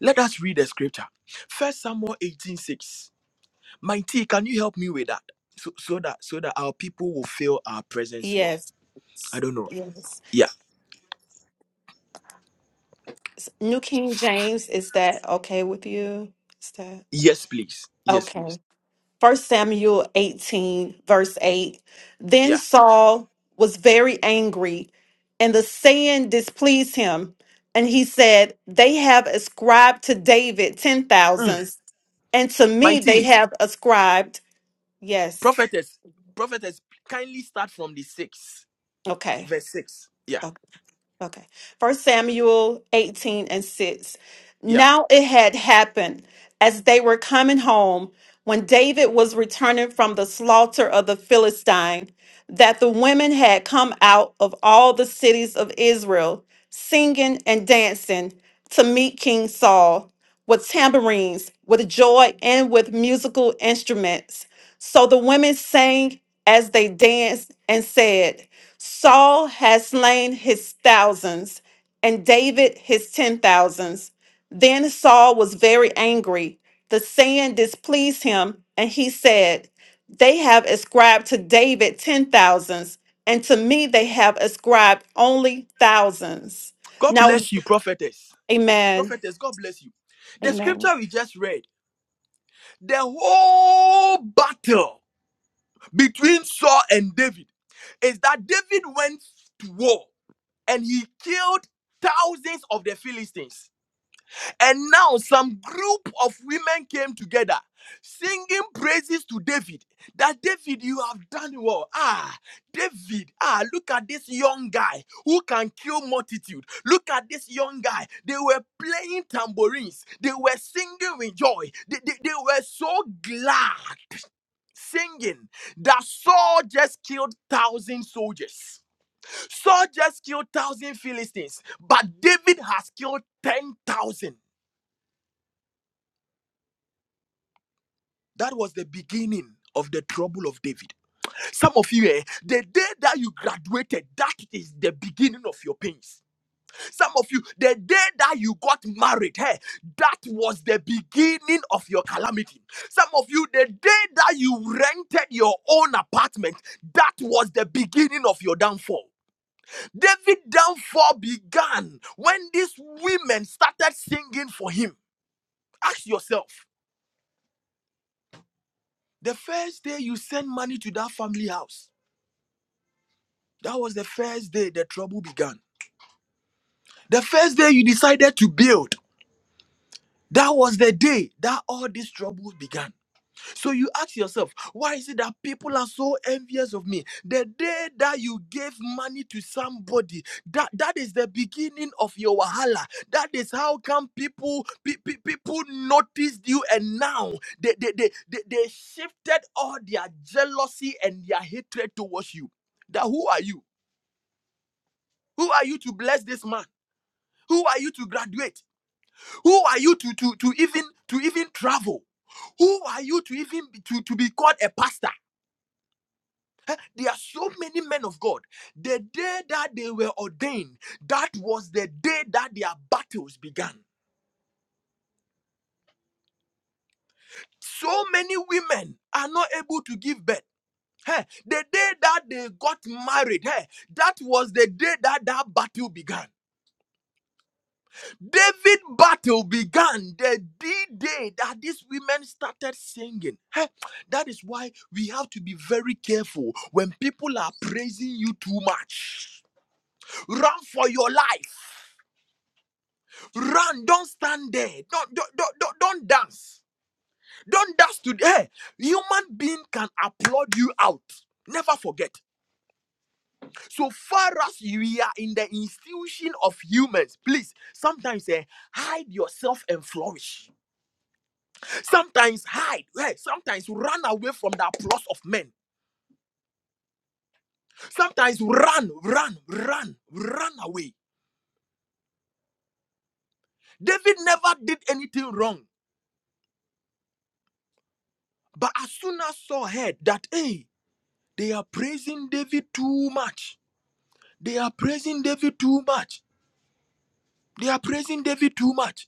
B: Let us read the scripture. First Samuel 18:6. Mighty, can you help me with that? So, so that so that our people will feel our presence more.
C: Yes.
B: I don't know.
C: Yes.
B: Yeah.
C: New King James, is that okay with you? Is that
B: Yes, please. Yes, please.
C: okay? First Samuel 18, verse 8. Then
B: Yeah.
C: Saul was very angry, and the saying displeased him. And he said, They have ascribed to David ten
B: Mm.
C: thousands, and to me they
B: Mighty,
C: have ascribed, yes.
B: prophetess, prophetess, kindly start from the six,
C: Okay.
B: verse six. Yeah.
C: Okay. First Samuel 18 and 6.
B: Yeah.
C: Now it had happened as they were coming home when David was returning from the slaughter of the Philistine that the women had come out of all the cities of Israel singing and dancing to meet King Saul with tambourines, with joy, and with musical instruments. So the women sang as they danced and said, Saul has slain his thousands, and David his ten thousands. Then Saul was very angry. The saying displeased him, and he said, They have ascribed to David ten thousands, and to me they have ascribed only thousands.
B: God
C: Now,
B: bless you, prophetess.
C: amen.
B: Prophetess, God bless you. The
C: Amen.
B: scripture we just read, the whole battle between Saul and David is that David went to war and he killed thousands of the Philistines And now some group of women came together singing praises to David. That David, you have done well. Ah, David, ah, look at this young guy who can kill multitude. Look at this young guy. They were playing tambourines, they were singing with joy. They, they, they were so glad singing that Saul just killed thousand soldiers. Saul just killed thousand Philistines, but David has killed ten thousand. That was the beginning of the trouble of David. Some of you, eh, the day that you graduated, that is the beginning of your pains. Some of you, the day that you got married, eh, that was the beginning of your calamity. Some of you, the day that you rented your own apartment, that was the beginning of your downfall. David downfall began when these women started singing for him. Ask yourself, the first day you send money to that family house, That was the first day the trouble began. The first day you decided to build. That was the day that all this trouble began. So you ask yourself, why is it that people are so envious of me? The day that you gave money to somebody, that, that is the beginning of your wahala. That is how come people pe- pe- people noticed you and now they, they, they, they, they shifted all their jealousy and their hatred towards you. That who are you? Who are you to bless this man? Who are you to graduate? Who are you to, to, to even to even travel? Who are you to even be, to, to be called a pastor? There are so many men of God. The day that they were ordained, that was the day that their battles began. So many women are not able to give birth. Hey, the day that they got married, hey, that was the day that that battle began. David battle began the D-Day that these women started singing. Heh, That is why we have to be very careful when people are praising you too much. Run for your life. Run. Don't stand there. Don't don't don't, don't, don't dance. Don't dance today. Human being can applaud you out. Never forget. So far as we are in the institution of humans, please sometimes eh, hide yourself and flourish Sometimes hide, right? Sometimes run away from the applause of men. Sometimes run, run, run, run away. David never did anything wrong. But as soon as Saul heard that, hey, they are praising David too much. They are praising David too much. They are praising David too much.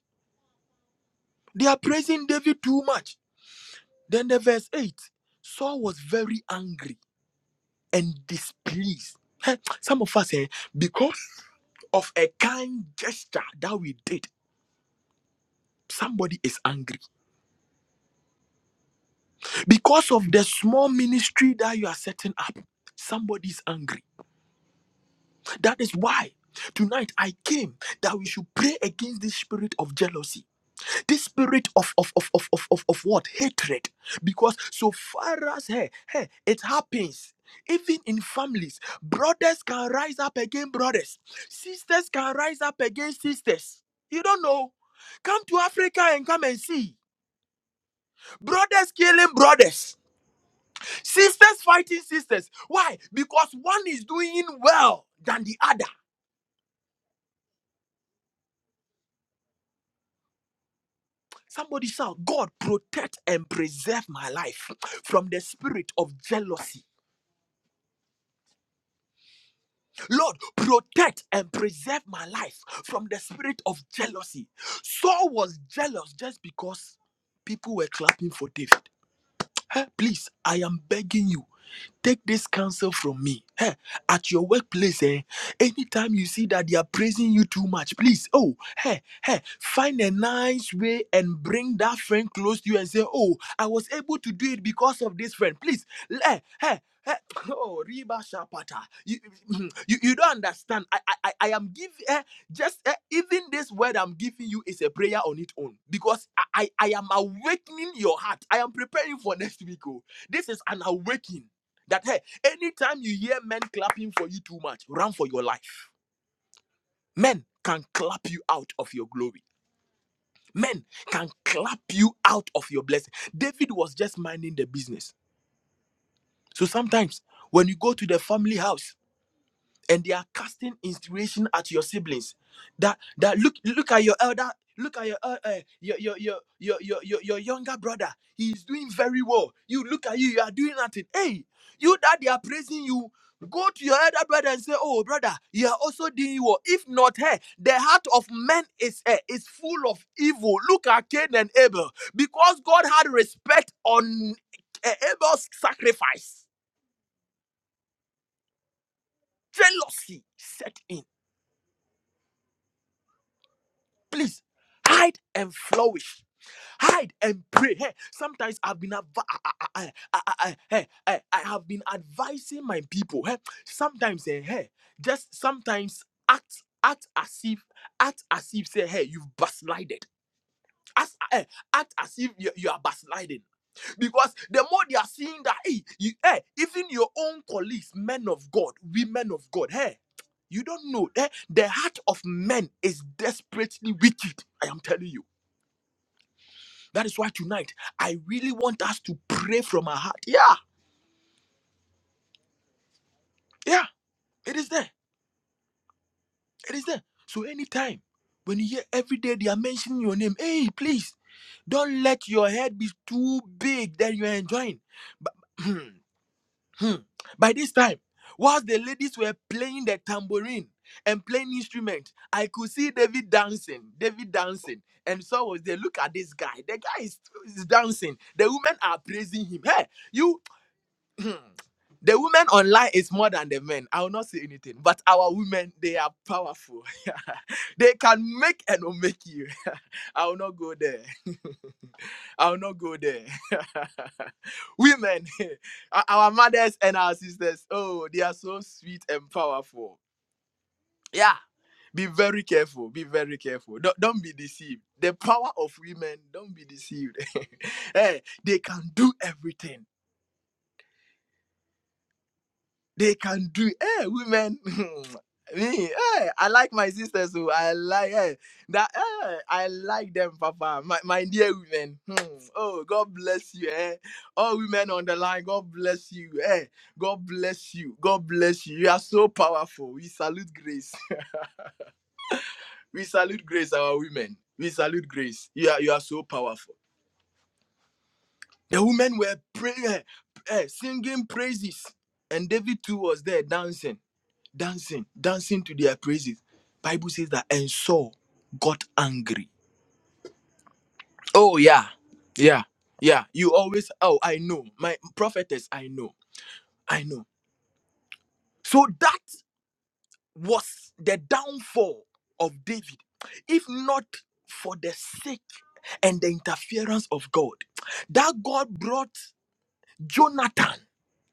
B: They are praising David too much. Then the verse 8 Saul was very angry and displeased. Hey, Some of us, eh, because of a kind gesture that we did. Somebody is angry because of the small ministry that you are setting up. Somebody is angry. That is why tonight I came that we should pray against this spirit of jealousy, this spirit of of of of of of, of what hatred. Because so far as hey, hey, it happens. Even in families, brothers can rise up against brothers, sisters can rise up against sisters. You don't know. Come to Africa and come and see. Brothers killing brothers Sisters fighting sisters. Why? Because one is doing well than the other. Somebody shout, God, protect and preserve my life from the spirit of jealousy. Lord, protect and preserve my life from the spirit of jealousy. Saul was jealous just because people were clapping for David. Please, I am begging you, take this counsel from me. Eh, At your workplace, eh, anytime you see that they are praising you too much, please, oh, hey, hey, find a nice way and bring that friend close to you and say, oh, I was able to do it because of this friend. Please, hey, hey. Oh, Reba Shapata. You, you, you don't understand. I, I, I I am giving. Eh, just eh, even this word i'm giving you is a prayer on its own because I, I i am awakening your heart i am preparing for next week oh this is an awakening that hey anytime you hear men clapping for you too much run for your life men can clap you out of your glory men can clap you out of your blessing david was just minding the business so sometimes when you go to the family house and they are casting inspiration at your siblings that that look look at your elder look at your uh, uh, your, your, your your your your your younger brother he is doing very well you look at you you are doing nothing hey you that they are praising you go to your elder brother and say oh brother you are also doing well if not hey the heart of man is uh, is full of evil look at cain and abel because god had respect on uh, abel's sacrifice jealousy set in Please hide and flourish. Hide and pray. Hey, sometimes I've been adv— I, I, I, I, I, I- hey, I, I have been advising my people. Hey, sometimes eh, hey, just sometimes act act as if act as if say hey you've backslided. As, eh, act as if you, you are backsliding because the more they are seeing that, hey, you, hey, even your own colleagues, men of God, women of God, hey, you don't know eh, the heart of men is desperately wicked. I am telling you. That is why tonight I really want us to pray from our heart. Yeah, yeah, it is there. It is there. So anytime when you hear every day they are mentioning your name, hey, please don't let your head be too big that you are enjoying. But Hmm. By this time, whilst the ladies were playing the tambourine and playing instrument, I could see David dancing. David dancing. And so was they look at this guy. The guy is, is dancing. The women are praising him. Hey, you the women online is more than the men. I will not say anything. But our women, they are powerful. they can make and will make you. I will not go there. I'll not go there. Women, our mothers and our sisters, oh, they are so sweet and powerful. Yeah. Be very careful. Be very careful. Don't, don't be deceived. The power of women, don't be deceived. hey, they can do everything They can do. Hey, women. Me, hey, I like my sisters, so I like hey, that. Hey, I like them, Papa. My, my dear women. Hmm. Oh, God bless you. Eh. All women on the line, God bless you. eh. God bless you. God bless you. You are so powerful. We salute grace. we salute grace, our women. We salute grace. You are you are so powerful. The women were praying, eh, eh, singing praises, and David too was there dancing. dancing, dancing to their praises. Bible says that and Saul got angry. Oh yeah. Yeah, yeah. You always, oh, I know. My prophetess, I know. I know. So that was the downfall of David. If not for the sake and the interference of God, that God brought Jonathan.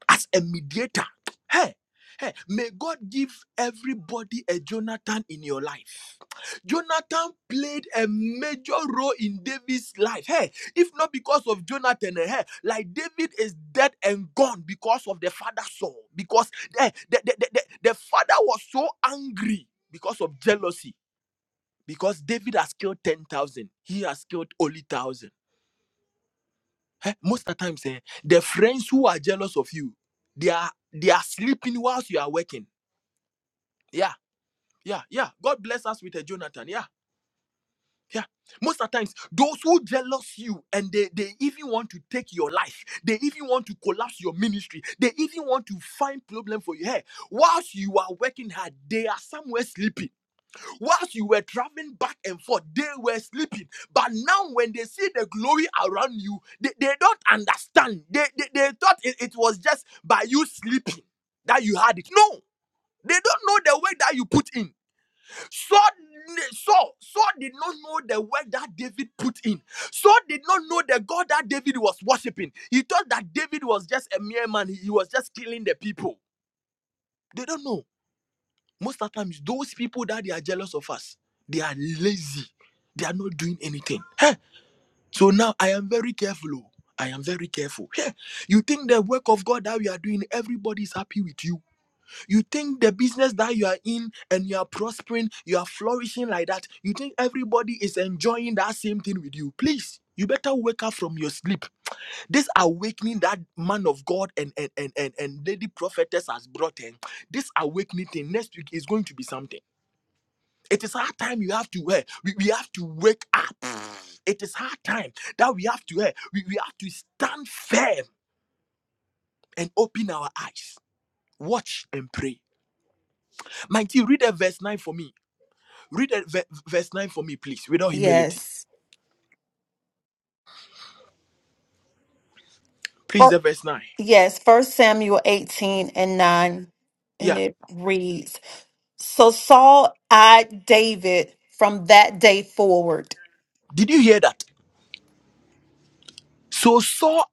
B: as a mediator. Hey, hey, may God give everybody a Jonathan in your life. Jonathan played a major role in David's life. Hey, if not because of Jonathan, eh, hey, like David is dead and gone because of the father Saul. Because eh, the, the, the, the, the father was so angry because of jealousy. Because David has killed 10,000, he has killed only 1,000. Eh, most of the times, eh, the friends who are jealous of you, they are they are sleeping whilst you are working. Yeah, yeah, yeah. God bless us with a Jonathan. Yeah, yeah. Most of the times, those who jealous you and they, they even want to take your life, they even want to collapse your ministry, they even want to find problem for you. Hey, whilst you are working hard, they are somewhere sleeping. Whilst you were traveling back and forth, they were sleeping. But now, when they see the glory around you, they, they don't understand. They, they, they thought it, it was just by you sleeping that you had it. No, they don't know the work that you put in. Saul, Saul, Saul did not know the work that David put in. Saul did not know the God that David was worshiping. He thought that David was just a mere man, he he was just killing the people. They don't know. Most of the times, those people that they are jealous of us, they are lazy. They are not doing anything. Hey, So now I am very careful. oh. I am very careful. Heh, You think the work of God that we are doing, everybody is happy with you. You think the business that you are in and you are prospering, you are flourishing like that, you think everybody is enjoying that same thing with you. Please, you better wake up from your sleep. This awakening that man of God and, and, and, and and lady prophetess has brought in, this awakening thing next week is going to be something. It is our time you have to wear. We, we have to wake up. It is our time that we have to wear. We, we have to stand firm and open our eyes. Watch and pray. Mighty, read the verse 9 for me. Read the ve- verse 9 for me, please, without humility.
C: Yes.
B: Please,
C: Fir-
B: the verse 9.
C: Yes, First Samuel 18 and 9, and
B: Yeah.
C: it reads, So Saul eyed David from that day forward.
B: Did you hear that? So Saul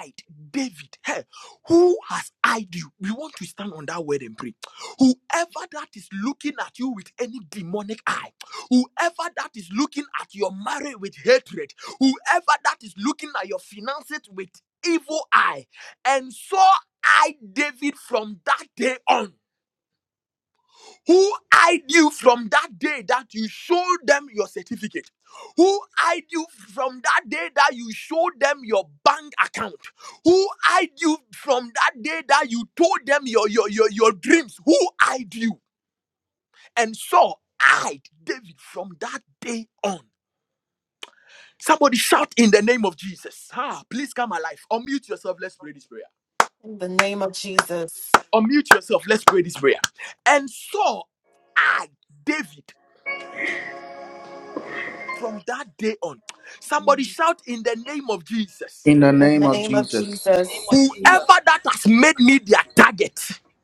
B: eyed David, hey, who has eyed you? We want to stand on that word and pray. Whoever that is looking at you with any demonic eye, whoever that is looking at your marriage with hatred, whoever that is looking at your finances with evil eye, and Saul eyed David from that day on. Who eyed you from that day that you showed them your certificate? Who eyed you from that day that you showed them your bank account? Who eyed you from that day that you told them your, your, your, your dreams? Who eyed you? And Saul eyed David from that day on. Somebody shout in the name of Jesus. Ah, please come alive. Unmute yourself. Let's pray this prayer.
C: In the name of Jesus.
B: Unmute yourself. Let's pray this prayer. And Saul eyed David From that day on, somebody
C: In
B: shout in the name of Jesus.
A: In the
C: the
A: name of
C: name of
A: Jesus.
E: In the name
C: Jesus
E: of Jesus.
B: Whoever that has made me their target,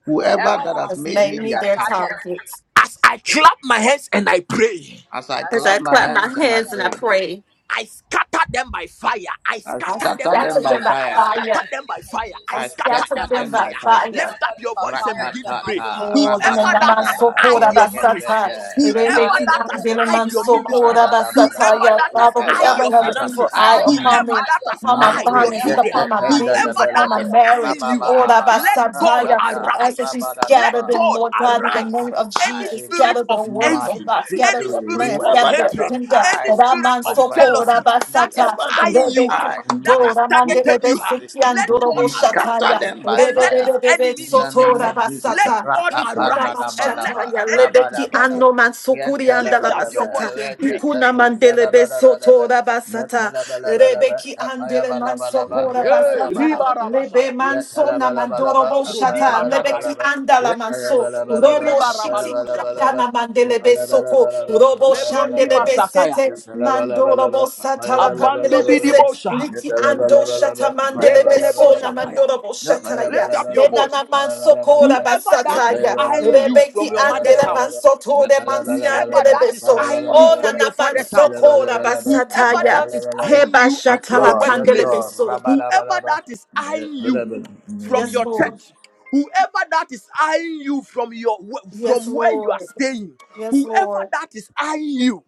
A: Whoever
E: Whoever
A: that has
E: has
C: has
A: made
E: made
A: me
E: me
C: made me
A: their
E: their
C: their
A: target,
E: target,
C: target.
B: as I clap my hands and I pray.
A: as I
E: as
C: As
E: I
A: clap
C: I
A: my
C: clap my
A: hands and I
C: hands and I
A: pray,
E: come,
C: pray,
B: I scatter them by fire. I
A: I
C: I
E: Fire,
B: scatter them
A: scatter
B: by
A: them
C: scattered
A: by
C: them
B: fire.
C: by
B: I
A: fire.
B: scatter
C: fire.
B: them by fire. I
C: I
A: I
B: scatter
A: scatter
C: scattered
B: them by
C: them
A: them
C: by
B: fire.
A: by fire.
C: fire.
B: Lift up your voice and begin to pray.
A: Ratatata,
B: Whoever
C: Lord, in the name
B: that
C: of
B: has
A: rabadabadaba,
B: eyed
C: Sokora
B: your marriage,
C: Basata,
A: liekepete,
B: whoever
C: Rebeki
B: that has
A: rabadabadaba,
C: Ambeleman
B: eyed your ministry,
C: Sokora Basata,
A: radadabadaba.
B: whoever
C: yeah,
B: that has
C: Father,
B: eyed
A: Whoever
C: whoever
B: your
C: have an
A: has
C: evil
B: finances,
C: eye
A: assigned
C: upon
A: me,
C: me,
B: whoever
E: fire,
B: that has
C: upon my
E: fire,
A: none
B: eyed
A: to
B: your
C: finances,
E: whoever
A: shake
E: that
B: children,
C: upon
A: it,
C: my
E: has,
C: business,
B: whoever
C: upon
B: that
E: I
C: my
A: pendelebelebe,
B: is
E: just put
C: marriage,
B: eyeing
E: you
B: you,
E: down.
B: ah,
C: Ora
A: rabababababa,
B: let
C: Basata,
B: God
C: yeah,
A: natata,
C: I ask that
B: arise.
C: you
B: Let
C: scatter
A: rabadadaba.
C: them,
B: God
C: Lord God, in
A: Whoever
C: the name
B: arise
A: has
C: of
B: any
C: Jesus,
B: spirit
C: scatter their
B: of
C: works,
A: my
C: oh
B: envy,
C: God, scatter
B: any
C: their
A: victory,
B: spirit
C: plans,
B: of
A: whoever
C: scatter their
A: that
B: hatred,
C: agenda,
B: any
A: has
C: Raman
B: spirit
A: my
B: of
C: Sokora
A: finances,
B: jealousy that is
C: Basata,
A: wherever that
B: eyeing
A: has
B: you,
C: Rebeki
B: ah, that
A: my
B: has
C: Andora Mandele
B: targeted
A: progress.
B: you, ah,
C: Besiki
B: let
C: Andoro
A: We
B: God arise
A: scatter
C: Boshataya,
B: ah,
A: them by
B: and let his
A: fire.
C: Rebebe
B: enemy
A: In
B: be
A: the name
C: Tora
B: scattered.
A: of Jesus.
B: Let
C: basata.
B: God
C: Ikuna
B: arise and
C: mashata
B: let his
A: Rapapandadabadaba,
C: ya
B: enemy be
C: lebeki
A: arabadabada,
B: scattered.
C: ano mansukuri
B: Lift
C: andala
B: up
A: yentelebelebe,
B: your
C: basata.
B: voice and pray.
C: Ikuna
A: rekepetu,
C: mandele besoto
A: selebelebelebe,
C: basata.
A: nepelebelebelebe,
C: Rebeki andele
A: tapayabalabalaba,
C: mansopora
B: Hey,
C: basata.
B: Riba
A: yetayabalabalaba,
B: Rabashaya,
C: Lebe manso na
A: yetelebelebelebe,
C: mandoro
B: Bolo Brodi
C: boshata. Lebeki
B: Bazakaya,
A: tapayabalabalaba,
C: andala manso.
A: yetayabalabalaba,
C: Robo
B: Iriba
C: shiti
B: Rabalu Shakaya,
A: tapayabalabalaba,
C: andana mandele besoko.
A: yepelebelebelebe,
C: Robo
B: Lebroni
C: shandele
A: tapayabalabalaba,
B: Masakaya,
C: besete.
A: Yes,
C: Mandoro bosata la
B: Abandu
C: pandele beset.
B: Bidibosha,
C: Liki ando shata mandele
B: Rebelebo
C: beso na
B: Shapaya.
C: mandoro boshata ya.
B: Lift up your voice.
C: Enana mansokora
B: Whoever that is
C: basataya.
B: eyeing you from
C: Rebeki
B: your mother's
C: andele
B: house,
C: mansotore
B: whoever
C: mansiandele
B: that is
C: beso.
B: eyeing you
C: Oh
B: from
C: nana
B: your father's house,
C: mansokora
B: whoever
C: basataya.
B: that is eyeing
C: Heba
B: you at your
C: shatala
A: Lord. Yes,
C: pandele
B: workplace,
A: Lord.
C: beso.
B: whoever
A: Rabba-dabba-dabba.
B: that is
A: Yes,
B: eyeing
A: Lord. In the
B: you
A: name of
B: from
C: Yes,
B: your
C: Lord.
A: Jesus.
B: church, whoever that is eyeing you from your
C: Yes,
B: from where you are
C: Lord.
B: staying,
C: Yes,
B: whoever
C: Lord.
B: that is eyeing you,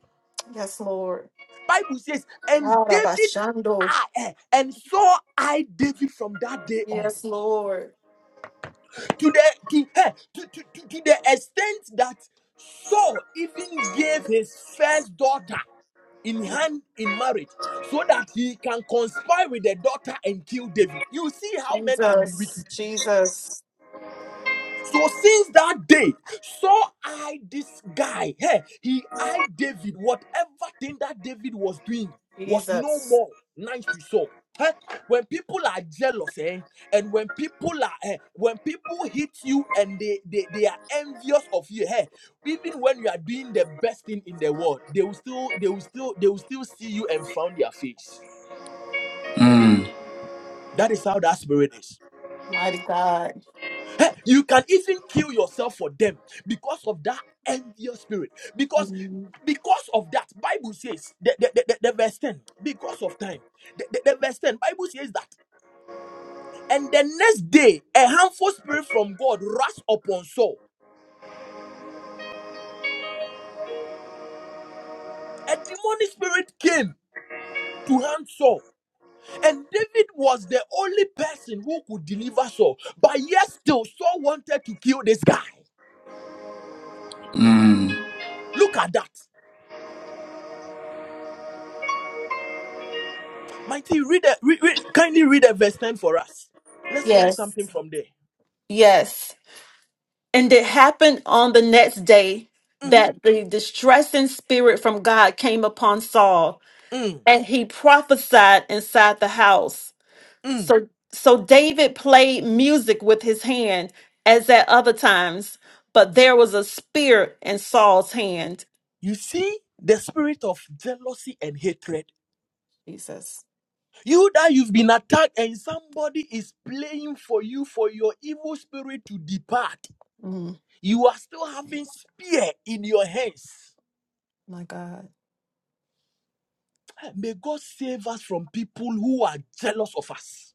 C: Yes, Lord.
B: Bible says, and David
C: Arabashando.
B: I, eh, and so I David from that day on.
C: Yes, Lord.
B: to the to, hey, to, to, to, to the extent that Saul even gave his first daughter in hand in marriage so that he can conspire with the daughter and kill David. You see how men can be
C: Jesus.
B: wicked.
C: Jesus.
B: So since that day, saw I this guy. Hey, he eyed David. Whatever thing that David was doing was no
C: Jesus.
B: more nice to Saul. Hey, when people are jealous, eh, and when people are eh, when people hit you and they, they they are envious of you, hey, even when you are doing the best thing in the world, they will still they will still they will still see you and frown their face.
A: Mm,
B: That is how that spirit is.
C: Mighty God.
B: Eh, You can even kill yourself for them because of that envious spirit. Because because of that, Bible says the, the, the, the- the verse 10, because of time. The, the, the verse 10, Bible says that. And the next day, a harmful spirit from God rushed upon Saul. A demonic spirit came to harm Saul. And David was the only person who could deliver Saul. But yet still, Saul wanted to kill this guy.
A: mm.
B: Look at that. Mighty, read, the, read, read kindly read a verse 10 for us. Let's learn something
C: Yes.
B: from there.
C: Yes. And it happened on the next day
B: Mhm,
C: that the distressing spirit from God came upon Saul,
B: mm,
C: and he prophesied inside the house.
B: mm.
C: So so David played music with his hand as at other times, but there was a spear in Saul's hand.
B: You see the spirit of jealousy and hatred.
C: Jesus.
B: You that you've been attacked and somebody is playing for you for your evil spirit to depart.
C: Mm.
B: You are still having spear in your hands. May God save us from people who are jealous of us.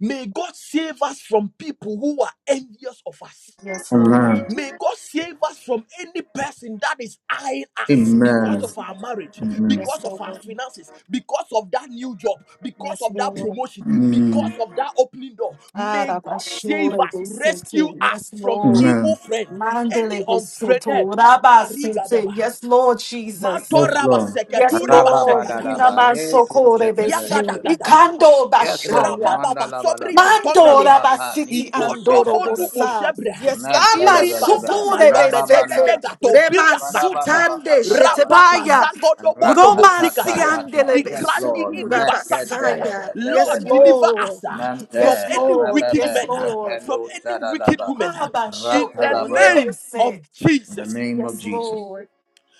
B: May God save us from people who are envious of us.
C: Yes, Lord.
A: Amen.
B: May God save us from any person that is eyeing us because
A: Amen.
C: Yes,
B: of our
C: Lord.
B: marriage,
A: Amen.
C: Yes,
B: because of our
C: Lord.
B: finances, because of that new job, because
C: Yes,
B: of that
C: Lord.
B: promotion, because
A: Mm.
B: of that opening door. May God save
C: Arabashore
B: us,
C: besete.
B: rescue us
C: Yes,
B: from
C: Lord.
A: Amen.
B: evil friend, any
C: Mandele besoto.
B: unfriended.
C: Rabasete.
B: Harigadaba.
C: Yes, Lord Jesus.
A: Yes,
B: Matoraba
A: Lord.
C: Yes,
B: seketuriba
C: Lord.
B: sekataba.
C: Dina
A: Rababadadaba,
C: mansokore bese.
A: yetoshetelebe.
B: Yagadagadaba.
C: Ikando
A: Yes, Lord.
C: bashaya.
B: Rapapapa sobrika
A: Mandalabalaba.
B: tomelia.
C: Mandora
A: Rapapa.
C: basiti
A: Niko
B: Igondo
C: andoro
A: shetelebe.
B: bolu
C: bosa.
B: boshebra.
C: Yes, lama
B: Iri
A: Metelebelebe.
B: bazama
C: sukure besete.
B: lobedegedega
A: Rababandalaba.
C: Reman
B: topiria zakataya.
A: Badabadaba.
C: sutande
A: Papayabalaba.
B: Rapapa
C: shetebaya.
B: zagodo bolo
C: Romansi
B: boshikataya.
C: andele
A: Ratatatatata. Yes,
B: Igrandi
A: Lord.
B: gidi
C: besukura
B: basakataya.
C: basaya.
A: Meketelebe.
C: Yes,
B: Lord,
A: Lebelebe.
B: deliver us
C: Lord.
B: ah, from
C: Yes,
A: Mente.
B: any
C: Lord.
B: wicked
C: Yes,
B: men,
A: Rebebe.
B: ah,
C: Lord.
B: from
A: Kependo
B: any wicked
A: shadalaba.
B: woman. ah,
C: Abba
B: In the
C: shoko
A: Ratalabala.
B: name of
C: rebese.
A: In the
B: Jesus.
A: name of
C: Yes,
A: Jesus.
C: Lord.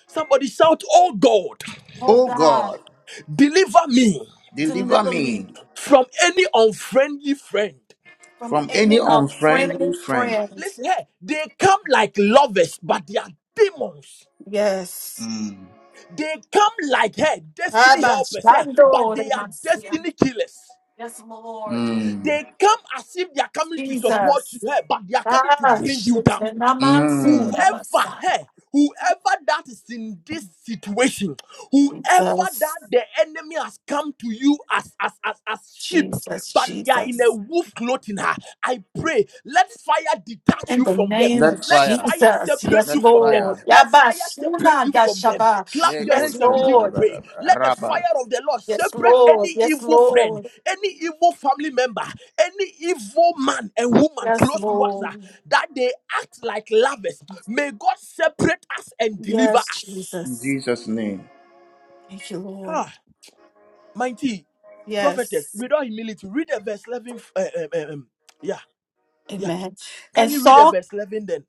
B: Somebody shout, Oh God,
C: Oh
A: Oh
C: God,
A: God,
B: deliver me
A: deliver
C: deliver me
A: me
B: from any unfriendly friend.
C: from
A: from any
C: any
A: unfriendly
C: unfriendly
A: friend.
C: friend.
B: Listen here, they come like lovers, but they are demons.
C: Yes.
A: Mm.
B: They come like hey, destiny
C: Abba
B: helpers, hey, but
C: shando
B: they are
C: remansi
B: destiny killers.
C: Yes, Lord.
A: Mm.
B: They come as if they are coming to support you,
C: Jesus.
B: hey, but they are coming to
C: Ah,
B: bring you down.
A: Mm.
C: shetanamansura
B: Whoever,
C: basai.
B: hey, whoever that is in this situation, whoever
C: Jesus.
B: that the enemy has come to you as as as, as sheep,
C: Jesus.
B: but they are in a
C: Jesus.
B: wolf clothing, ah, I pray, let fire detach
C: In
B: you
C: the
B: from them.
C: name
A: That
C: of
B: Let fire
A: fire.
C: Jesus.
B: separate
C: Yes,
A: That
B: you from them.
C: Lord.
A: fire.
B: Let fire separate
C: Yabasuna
B: you from them.
C: yashaba.
B: Clap your
C: Yes,
B: hands and begin to
C: Lord.
B: pray. Let the
A: Rabba.
B: fire of the Lord
C: Yes,
B: separate
C: Lord.
B: any
C: Yes,
B: evil friend,
C: Lord.
B: any evil family member, any evil man and woman
C: Yes,
B: close to us ah,
C: Lord.
B: that they act like lovers. May God separate us and deliver
C: Yes,
B: us.
A: In
C: Jesus.
A: Jesus' name.
C: Thank you, Lord.
B: Ah, mighty prophetess,
C: Yes.
B: without humility, read the verse 11. uh, um, um, um, yeah, yeah.
C: Amen. And
B: Kindly read the
C: Saul
B: verse 11 then.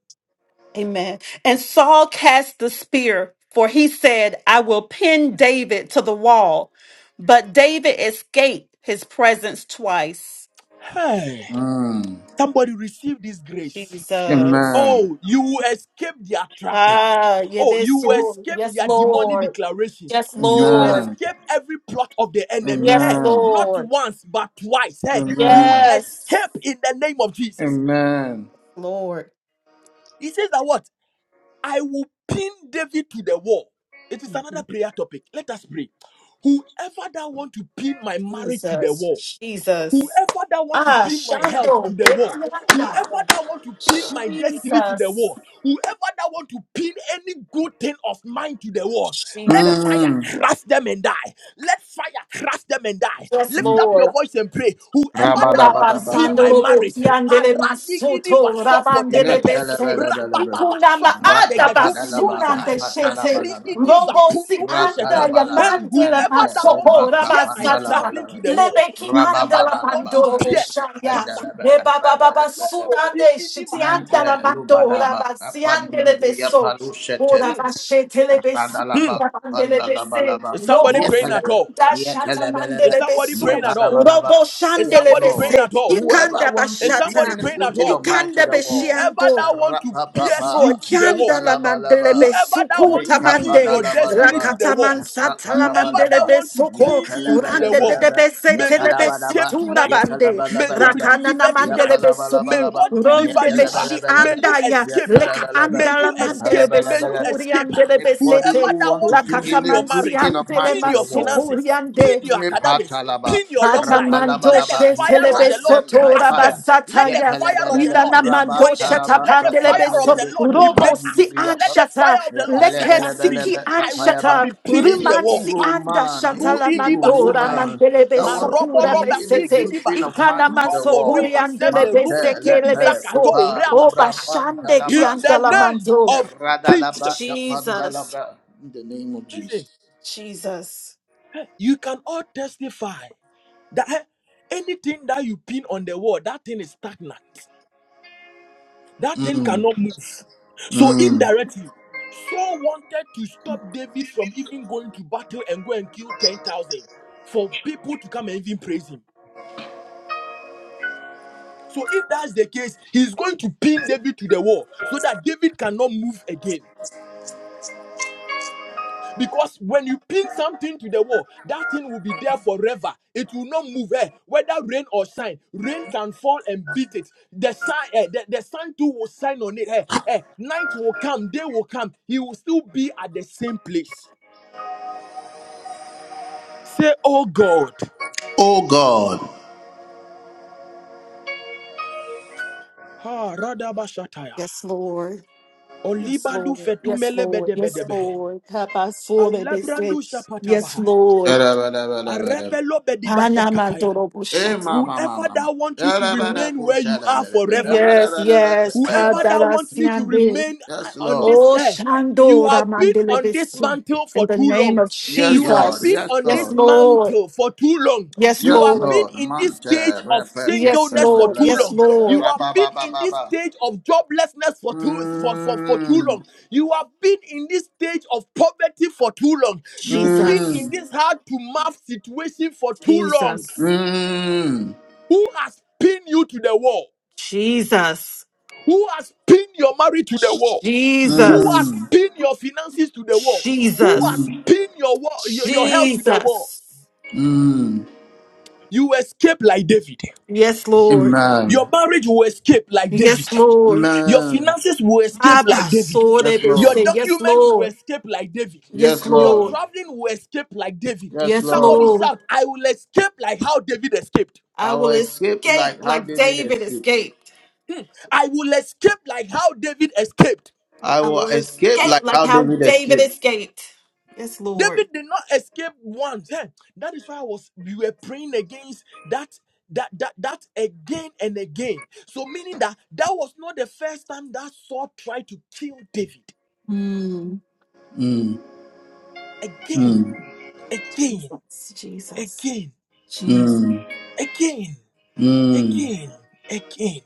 C: Amen. And Saul cast the spear, for he said, I will pin David to the wall. But David escaped his presence twice.
B: Hey,
A: Mm.
B: somebody receive this grace.
C: Jesus.
A: Amen.
B: Oh, you will escape their trap.
C: Ah, yeah,
B: Oh, you
C: this
B: will
C: Lord.
B: escape
C: Yes,
B: their demonic
C: Lord.
B: declarations.
C: Yes,
B: You will
C: Lord.
A: Amen.
B: escape every plot of the enemy.
C: Yes,
B: Hey,
A: Amen.
B: not
C: Lord.
B: once, but twice. Hey, you
A: Amen.
B: will
C: Yes,
B: escape in the name of Jesus.
A: Amen.
C: Lord.
B: He says that what? I will pin David to the wall. It is another prayer topic. Let us pray. Whoever that want to pin my marriage to the
C: Jesus.
B: wall,
C: Jesus.
B: Whoever that want to
C: Ah,
B: pin my health to
C: Shando.
B: the wall, whoever
C: Betianda.
B: that want to pin my destiny to the
C: Jesus.
B: wall, whoever that want to pin any good thing of mine to the wall, let
C: Jesus.
B: fire
A: Mm.
B: crush them and die. Let fire crush them and die.
C: Yes,
B: Lift
A: Mm.
B: up
C: Lord.
B: your voice and pray. Whoever that want to pin
A: Rabba.
B: my marriage,
C: Irabasandorobotiandele
B: Aradigidi
C: masoto,
B: basopo
C: rabandele
B: tekete.
C: bese.
B: Rababa
C: Ikunama
B: sopron negetu minimasa.
C: adabasunande shete.
B: Akrigidi
C: Robosi
B: zapunu
C: anda
B: bushete.
A: Rakalabalaba,
B: Hey,
C: yamandele
B: whoever
A: Santa,
B: that want to
C: masopo,
B: peer
A: Rubaka,
B: my
C: rabasata.
B: traveling
A: Pandalabalaba,
B: to the war,
C: Lebeki anda
B: whoever
C: la
B: that want
A: Rababalabalaba,
B: to
C: mando
B: pierce,
C: boshaya.
A: Pandalaba,
B: atasakata.
C: Reba baba
B: Malo
A: Rabalaba,
C: basunande shiti
B: masata.
C: anda la
A: Mante,
C: mando
A: Lubadaba,
C: rabasi andele
A: Apandibia,
C: beso. Ora
B: Mm.
C: bashe telebe
B: Hmm. hmm.
A: Randalaba,
C: sikura bandelebe se.
A: Randalabalaba,
B: Is somebody
C: Robo
B: praying at
A: Yetalaba,
B: all?
C: sikanda shata
A: Yetalabalaba,
B: Is
C: mandelebe
B: somebody
C: su.
B: praying at all?
A: Yepalabalaba.
C: Robo
B: Is
A: Yes,
B: somebody
C: shandelebe
B: praying
A: Lord.
C: se.
B: at all?
A: Whoever
C: Ikanda
A: wants
B: Is
A: to bring
B: somebody
C: bashata.
A: any
B: praying
A: good
B: at
A: thing of
B: all?
A: mine to
C: Ikanda
A: the world,
B: Whoever
C: beshiando.
B: that want to
C: Yes,
B: pierce
A: Rapapapa,
C: Lord,
B: you to the wall,
C: Chandala Mandelebe
A: Yapalabalaba,
B: Whoever that
C: Suku
B: want to pin
C: Tamande,
B: your destiny to
A: Lekapadalabalaba,
B: the
C: Rakataman
B: wall,
C: Santala
B: whoever that
A: Rapalabalaba,
C: Mandelebe
B: want to
C: Suko,
B: pin you to the
C: urande de
B: wall,
A: Yetalabalabalaba,
C: Debese
B: may you
C: Telebe
A: Yapalabalaba,
B: escape
C: Sutura
B: tonight.
C: Bande,
B: May you be
A: Yetalabalabalaba,
C: Rakana na
B: delivered tonight.
C: Mandelebe
B: May
C: Suku,
A: Yapalabalabalaba,
B: God deliver
C: Ronde
B: you. ah.
C: Beshi
B: May
A: Yetalabalabalaba,
B: you
C: Andaya,
B: escape. ah.
C: Leka
A: Yetalabalaba,
B: May
C: Andala
B: you escape.
C: Mandelebe
B: May you
A: Yapalabalaba.
C: Sukuri
B: escape. ah.
C: Andelebe
B: Whoever
A: Anybody
C: Sete,
A: who
B: that
A: want to
B: want to
A: bring
C: Rakata
B: pin
A: any
B: your
C: mansi
A: good
B: marriage,
A: thing of mine
C: andele
B: pin
A: to the
B: your
A: world,
B: finances,
C: Siandeleman
B: pin
C: ande.
B: your academics,
A: Nepatalaba,
B: pin your long life.
C: Atamando
B: Let the
A: rapalabalaba. He
B: fire of
C: shetelebe
B: the
A: crushed
B: Lord
A: them by
C: soto
B: crush
A: fire.
B: them. Let the
A: Yet
C: rabasataya.
B: fire of the
A: pelebelebe,
C: Inana
B: Lord
A: raba
C: mando
B: destroy them.
C: shata
A: talaba,
B: Let the
C: pandelebe
B: fire
C: so
B: of the
A: kapadnebe,
B: Lord
C: robo
B: liberate
C: si
B: us.
A: kupadnebe, yet
B: Let the fire
C: anshata.
B: of the Lord set
C: Leke
B: us free.
C: siki
A: pelebelebelebe,
B: I will not
A: kapayaba.
C: anshata.
B: be pinned to
A: Any
B: the
C: Ruman
B: wall.
C: si
A: evil
B: Ha!
C: anda
A: man,
C: shata
A: any
C: la
B: Krudidi
A: evil
C: mandora
B: basataya.
A: woman
C: mandelebe
A: that want to
B: Marobo
C: sokura
A: pin
B: roba
A: any
C: besete.
A: good
B: sigidi
A: thing
B: baha.
A: of mine
C: Ikana
A: to the
C: manso
B: Roko
C: kuri
A: wall,
B: riva sempe
C: andelebe
A: Mante,
B: rumi
C: seke
B: kindi
C: lebe
A: lepe,
B: zakato
C: so.
A: kupa,
C: Oba
A: lubra,
B: reabashaha.
C: shande ki
A: pantalaba,
B: In
C: anda
B: the
C: la
A: kapa,
B: name
C: mando.
B: of
A: radalaba,
B: Jesus.
C: Jesus.
A: kapandalaba, in the name of
B: Listen.
A: Jesus.
C: Jesus.
B: You can all testify that eh, anything that you pin on the wall, that thing is stagnant. That thing
A: Mm,
B: cannot move. So
A: mm.
B: indirectly, Saul wanted to stop David from even going to battle and go and kill 10,000 for people to come and even praise him. So if that's the case, he's going to pin David to the wall so that David cannot move again. Because when you pin something to the wall, that thing will be there forever. It will not move eh, whether rain or shine. Rain can fall and beat it. The sun, eh, the, the sun too will shine on it. eh, eh. Night will come, day will come. He will still be at the same place. Say, oh God.
A: Oh God.
B: Ha radabashataya.
C: Yes, Lord. Yes,
B: Olibalu
C: Lord. Yes,
B: fetumele
C: Lord. Yes,
B: bedebedebehe.
C: Lord. Kabasore bese.
B: Alebrandu
C: Yes,
B: shapatabaha.
C: Lord.
B: Arepelo bedibashakataya.
C: Hanamandoro
A: Eh,
C: bushati.
A: ma, ma, ma,
B: Whoever
A: ma, ma.
B: that wants you to
A: Yes,
B: remain where you are forever.
C: Yes, yes.
B: Whoever that wants me to
C: Kadarasiande.
B: remain uh, on
A: Lord.
B: this
C: Oh,
B: earth, you
C: Shandora
B: have been
C: mandele
B: on this
C: besu.
B: mantle
C: In
B: for
C: the
B: too
C: name
B: long.
C: of
A: Yes,
B: You have
A: Lord.
B: been
C: Jesus.
A: Yes,
B: on
C: Yes,
B: this
A: Lord.
C: Lord.
B: mantle for too long.
C: Yes,
B: You
A: Yes,
B: have
C: Lord.
B: been
A: Lord.
B: in this stage
A: Mante,
B: of
A: repeke,
C: Yes,
B: singleness for
C: Lord.
B: too
C: Yes,
A: pendelebe,
B: long. You
C: Lord.
B: have been in this
A: rababababa.
B: stage of joblessness for too for, for, for too
A: Mm,
B: long. You have been in this stage of poverty for too long. You've been in
C: Jesus.
A: mm,
B: this hard to mouth situation for too long.
C: Jesus.
A: mm, mm,
B: Who has pinned you to the wall?
C: Jesus.
B: Who has pinned your marriage to the wall? Who has
C: Jesus.
A: mm,
B: pinned your finances to the wall? Who
C: Jesus.
B: has pinned your wall, your, your health to the wall?
C: Jesus.
A: mm.
B: You escape like David.
C: Yes, Lord.
B: Your
A: Amen.
B: marriage will escape like David.
C: Yes, Lord.
B: Your
A: Amen.
B: finances will escape
C: Abba,
B: like David.
C: so they
A: Yes,
C: be
B: Your
C: say,
A: Lord.
C: Yes,
B: document will
C: Lord.
B: escape like David.
C: Yes,
A: Yes,
B: Your
A: Lord.
C: Lord.
B: traveling will escape like David.
A: Yes,
C: Yes,
B: Somebody
A: Lord.
C: Lord.
B: shout, I will escape like how David escaped.
C: I
A: I will
C: will
A: escape
C: escape
A: like how
C: like
A: David
C: David
A: escaped.
C: escaped.
B: I will escape like how David escaped.
A: I
C: I
A: will
C: will
A: escape
C: escape
A: like
C: like
A: how
C: how
A: David
C: David
A: escaped.
C: escaped. Yes,
B: David
C: Lord.
B: did not escape once. eh. That is why I was we were praying against that that that that again and again. So meaning that that was not the first time that Saul tried to kill David.
C: Mm.
A: Mm,
B: Again,
A: mm,
B: again,
C: Jesus. Jesus.
B: again,
C: Jesus.
A: mm,
B: again,
A: mm,
B: again, again,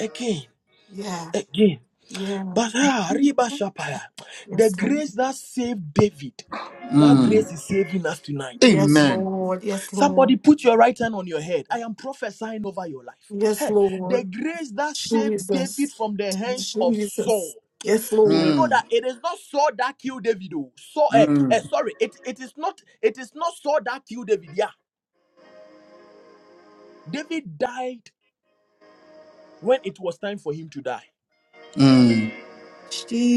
B: again,
C: Yeah.
B: again.
C: Yeah.
B: But ah, Riba Shapaya, the
C: Yes, Lord.
B: grace that saved David, that grace
A: mm.
B: is saving us tonight.
C: Yes,
A: Amen.
C: Lord. Yes,
B: Somebody
C: Lord.
B: put your right hand on your head. I am prophesying over your life.
C: Yes,
B: Hey, the
C: Lord.
B: grace that saved David
C: Jesus.
B: from the hands of Saul.
C: Jesus. Yes,
B: Do you
C: Lord.
B: know
A: Mm,
B: that it is not Saul that killed David? Oh, Saul, eh,
A: mm,
B: eh, sorry, it, it is not it is not Saul that killed David. Yeah, David died when it was time for him to die.
A: mm.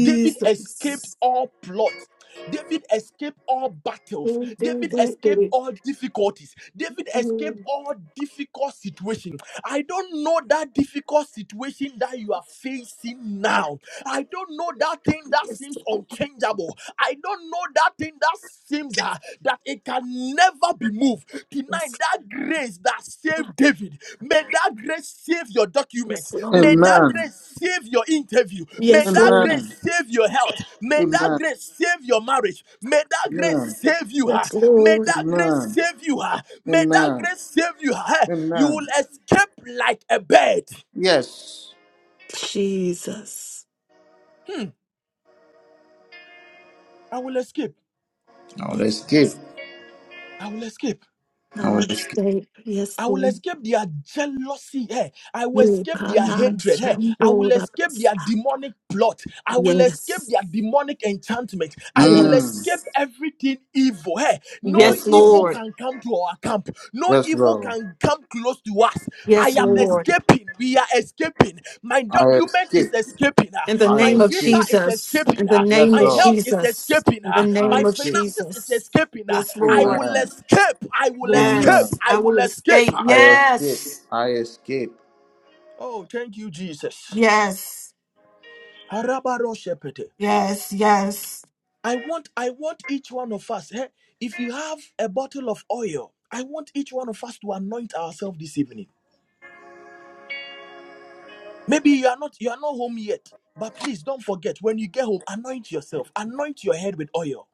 B: David escaped all plots. David escaped all battles.
C: Yes,
B: David escaped all difficulties. David escaped all difficult situations. I don't know that difficult situation that you are facing now. I don't know that thing that seems unchangeable. I don't know that thing that seems uh, that it can never be moved tonight
C: yes,
B: that grace that saved David, may that grace save your document.
C: yes,
B: May
C: Lord.
B: that
A: Amen.
B: grace save your interview. May
C: Yes,
B: that
C: Lord.
B: grace
A: Amen.
B: save your health. May
A: Amen.
B: that grace save your marriage. May that grace
A: Amen.
B: save you. huh?
C: Yes,
B: May
C: Lord.
B: that grace
A: Amen.
B: save you. huh? May that
A: Amen.
B: grace save you. huh? You will
A: Amen.
B: escape like a bird.
A: Yes.
C: Jesus.
B: Hmm, I will escape.
A: I will
C: Yes.
A: escape.
B: I will escape.
C: I
A: I will
C: will
A: escape.
C: say, yes,
B: I will
C: Lord.
B: escape their jealousy. Hey, I will
C: Yes.
B: escape their hatred. Hey, I will escape their demonic plot. I will escape
C: Yes.
B: their demonic enchantment. I will
A: Mm.
B: escape
C: Yes,
B: everything evil. Hey, no
C: Yes,
A: Yes, Lord.
B: evil
C: Lord.
B: can come to our camp. No
A: Yes,
B: evil
A: Lord.
B: can come close to us. I
C: Yes,
B: am
A: Mm.
C: Lord.
B: escaping. We are escaping. My
A: I
B: document is
A: escape.
B: escaping. ah.
C: In the
A: I
B: My
C: name of
B: visa
A: escape.
B: is
C: Jesus.
B: escaping.
C: In the
B: ah.
A: Yes,
C: name of
B: My
A: Lord.
B: health is
C: Jesus.
B: escaping.
C: In the
B: ah.
A: I
B: My
C: name of
A: escape.
B: finances is
C: Jesus.
B: escaping. ah.
C: Yes,
B: I
C: Lord.
B: will
A: Amen.
B: escape. I will escape.
A: Amen.
C: Yes,
B: I
C: I
B: will
C: will
B: escape.
C: escape.
B: ah.
A: I escape.
C: Yes,
A: I escape.
B: Oh, thank you, Jesus.
C: yes,
B: Arabaroshepete.
C: yes, yes.
B: I want, I want each one of us. eh, if you have a bottle of oil, I want each one of us to anoint ourselves this evening. Maybe you are not you are not home yet, but please don't forget when you get home, anoint yourself, anoint your head with oil,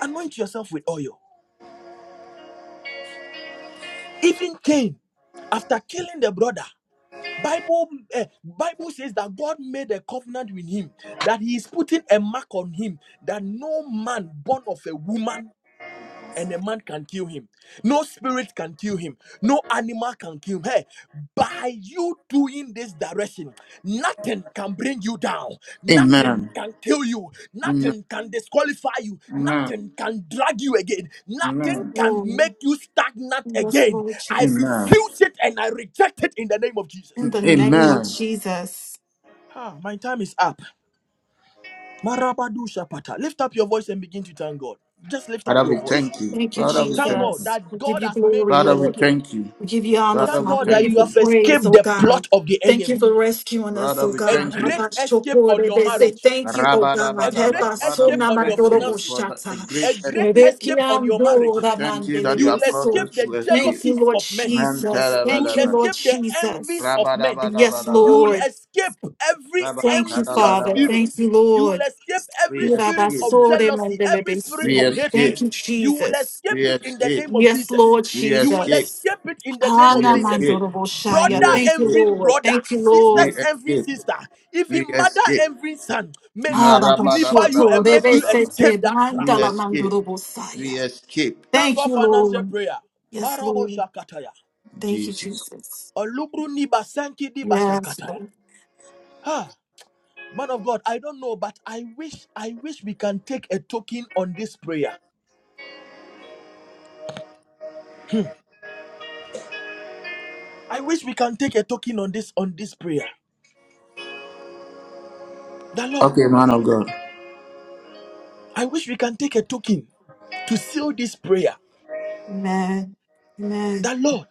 B: anoint yourself with oil. Even Cain, after killing the brother, Bible eh, Bible says that God made a covenant with him, that He is putting a mark on him, that no man born of a woman and a man can kill him. No spirit can kill him. No animal can kill him. Hey, by you doing this direction, nothing can bring you down. Nothing
A: Amen.
B: can kill you.
A: Amen.
B: Nothing can disqualify you.
A: Amen.
B: Nothing can drag you again. Nothing
A: Amen.
B: can
C: Lord,
B: make you stagnant
C: yes,
B: again.
C: Lord
B: I
C: Jesus.
A: Amen.
B: refuse it and I reject it in the name of
C: In
B: Jesus.
C: the name of
A: Amen.
C: Jesus.
B: Ah, my time is up. Marabadu Shapata. Lift up your voice and begin to thank God. Just lift up
A: Father,
B: your
A: we
B: voice.
A: thank you.
C: Thank you,
A: Father, we
B: Thank
A: thank
B: God
A: you.
C: Jesus.
B: that
C: We give
B: God
C: you
B: has made
C: glory,
B: you
A: Father, we
C: Lord.
B: escape.
A: thank you.
C: We give you honor,
A: Father,
B: Thank
A: we
C: Father.
B: God
C: We
B: that
C: give
A: thank
B: you
C: you
A: you.
B: have
C: praise,
B: escaped
C: oh
B: the
C: God.
B: plot of the
C: Thank you
B: enemy.
C: for rescuing us,
A: Father,
C: oh
A: we
B: A
C: God.
A: thank you.
B: great escape on your
C: Rabashokorebe. Say
B: marriage,
C: thank you, oh God.
B: a
A: Rabadabadaba.
B: great
A: Father,
B: escape
A: we
B: on your
A: thank you for
B: finances,
A: the, a
C: Hebasonamadoroboshata.
A: great
B: a great
A: escape.
B: escape on your
A: We
B: marriage.
A: thank you that you
B: You will
A: have caused
B: escape
A: us
C: rebekiandora
B: the
A: to escape.
C: Thank you,
B: jealousies
C: Lord
B: of men.
A: Man,
C: Jesus.
B: You
C: Thank
B: will
C: you,
A: tarabadaba.
C: Lord
B: escape the envies
C: Jesus.
B: of men.
C: Yes,
B: You
A: Rabadabadabadaba.
B: will
C: Lord.
B: escape every
C: Thank you,
B: envious
C: Father.
A: Rabadabadabadaba.
B: spirit.
C: Thank you,
B: You will
C: Lord.
B: escape every spirit
A: Re-escape.
B: of jealousy, every spirit of
C: rabasore
A: Re-escape.
C: Thank
B: hatred.
C: you,
B: You will
C: Jesus.
B: escape it in the
A: Re-escape.
B: name of
C: Yes,
B: Jesus.
C: Lord
B: You will
A: Re-escape.
C: Jesus.
B: escape it in the name of
C: Hana
B: Jesus.
A: Re-escape.
C: mandoro boshaya.
B: Brother
C: Thank you,
A: Re-escape.
B: envying
C: Lord.
B: brother,
C: Thank you,
B: sisters
C: Lord.
B: envying
A: Re-escape.
B: sister, even mother
A: Re-escape.
B: envying son. May
C: Hara
B: God deliver you
C: bashoto
B: and make you
A: Narabadabadabadabadaba.
B: escape
C: rebesete
B: that trap.
C: mandala
A: Re-escape.
C: mandoro boshaya.
A: Re-escape.
B: Thank
C: Thank
B: God
C: you,
B: for answer
C: Lord.
B: prayer.
C: Yes,
B: Marabo
C: Lord.
B: shakataya.
C: Thank you,
A: Jesus.
C: Jesus.
B: Olubru niba sanki diba
C: Yes,
B: shakataya.
C: Lord.
B: Ha. Man of God, I don't know, but I wish I wish we can take a token on this prayer. I wish we can take a token on this on this prayer. The Lord,
A: Okay, man of God.
B: I wish we can take a token to seal this prayer.
C: Amen. Amen.
B: The Lord,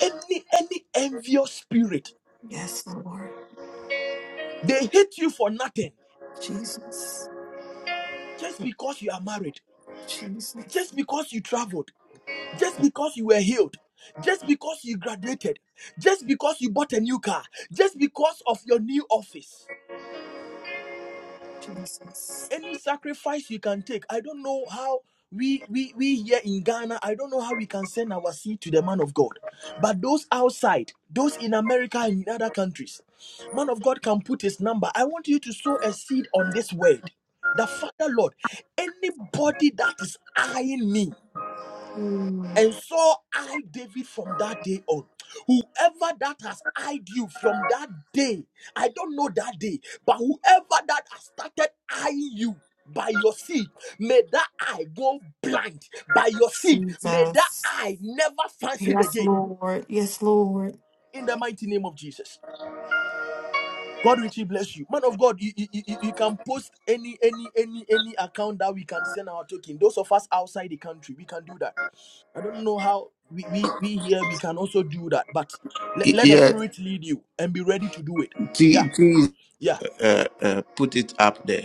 B: any any envious spirit,
C: Yes, Lord.
B: they hate you for nothing.
C: Jesus.
B: Just because you are married,
C: Jesus.
B: just because you traveled, just because you were healed, just because you graduated, just because you bought a new car, just because of your new office.
C: Jesus.
B: any sacrifice you can take. I don't know how we we we here in Ghana, I don't know how we can send our seed to the man of God. But those outside, those in America and in other countries, man of God can put his number. I want you to sow a seed on this word. The Father Lord, anybody that is eyeing me
C: Mm,
B: and so I David from that day on. Whoever that has eyed you from that day, I don't know that day, but whoever that has started eyeing you by your seed, may that eye go blind by your seed. May that
C: Jesus.
B: eye never function
C: Yes,
B: again.
C: Lord. Yes, Lord.
B: In the mighty name of Jesus. God richly bless you. Man of God, you, you, you you can post any any any any account that we can send our token. Those of us outside the country, we can do that. I don't know how we, we, we here we can also do that, but let,
A: Y-
B: let the
A: Yeah,
B: spirit lead you and be ready to do it. Yeah,
A: T, T
B: yeah.
A: uh, uh, put it up there.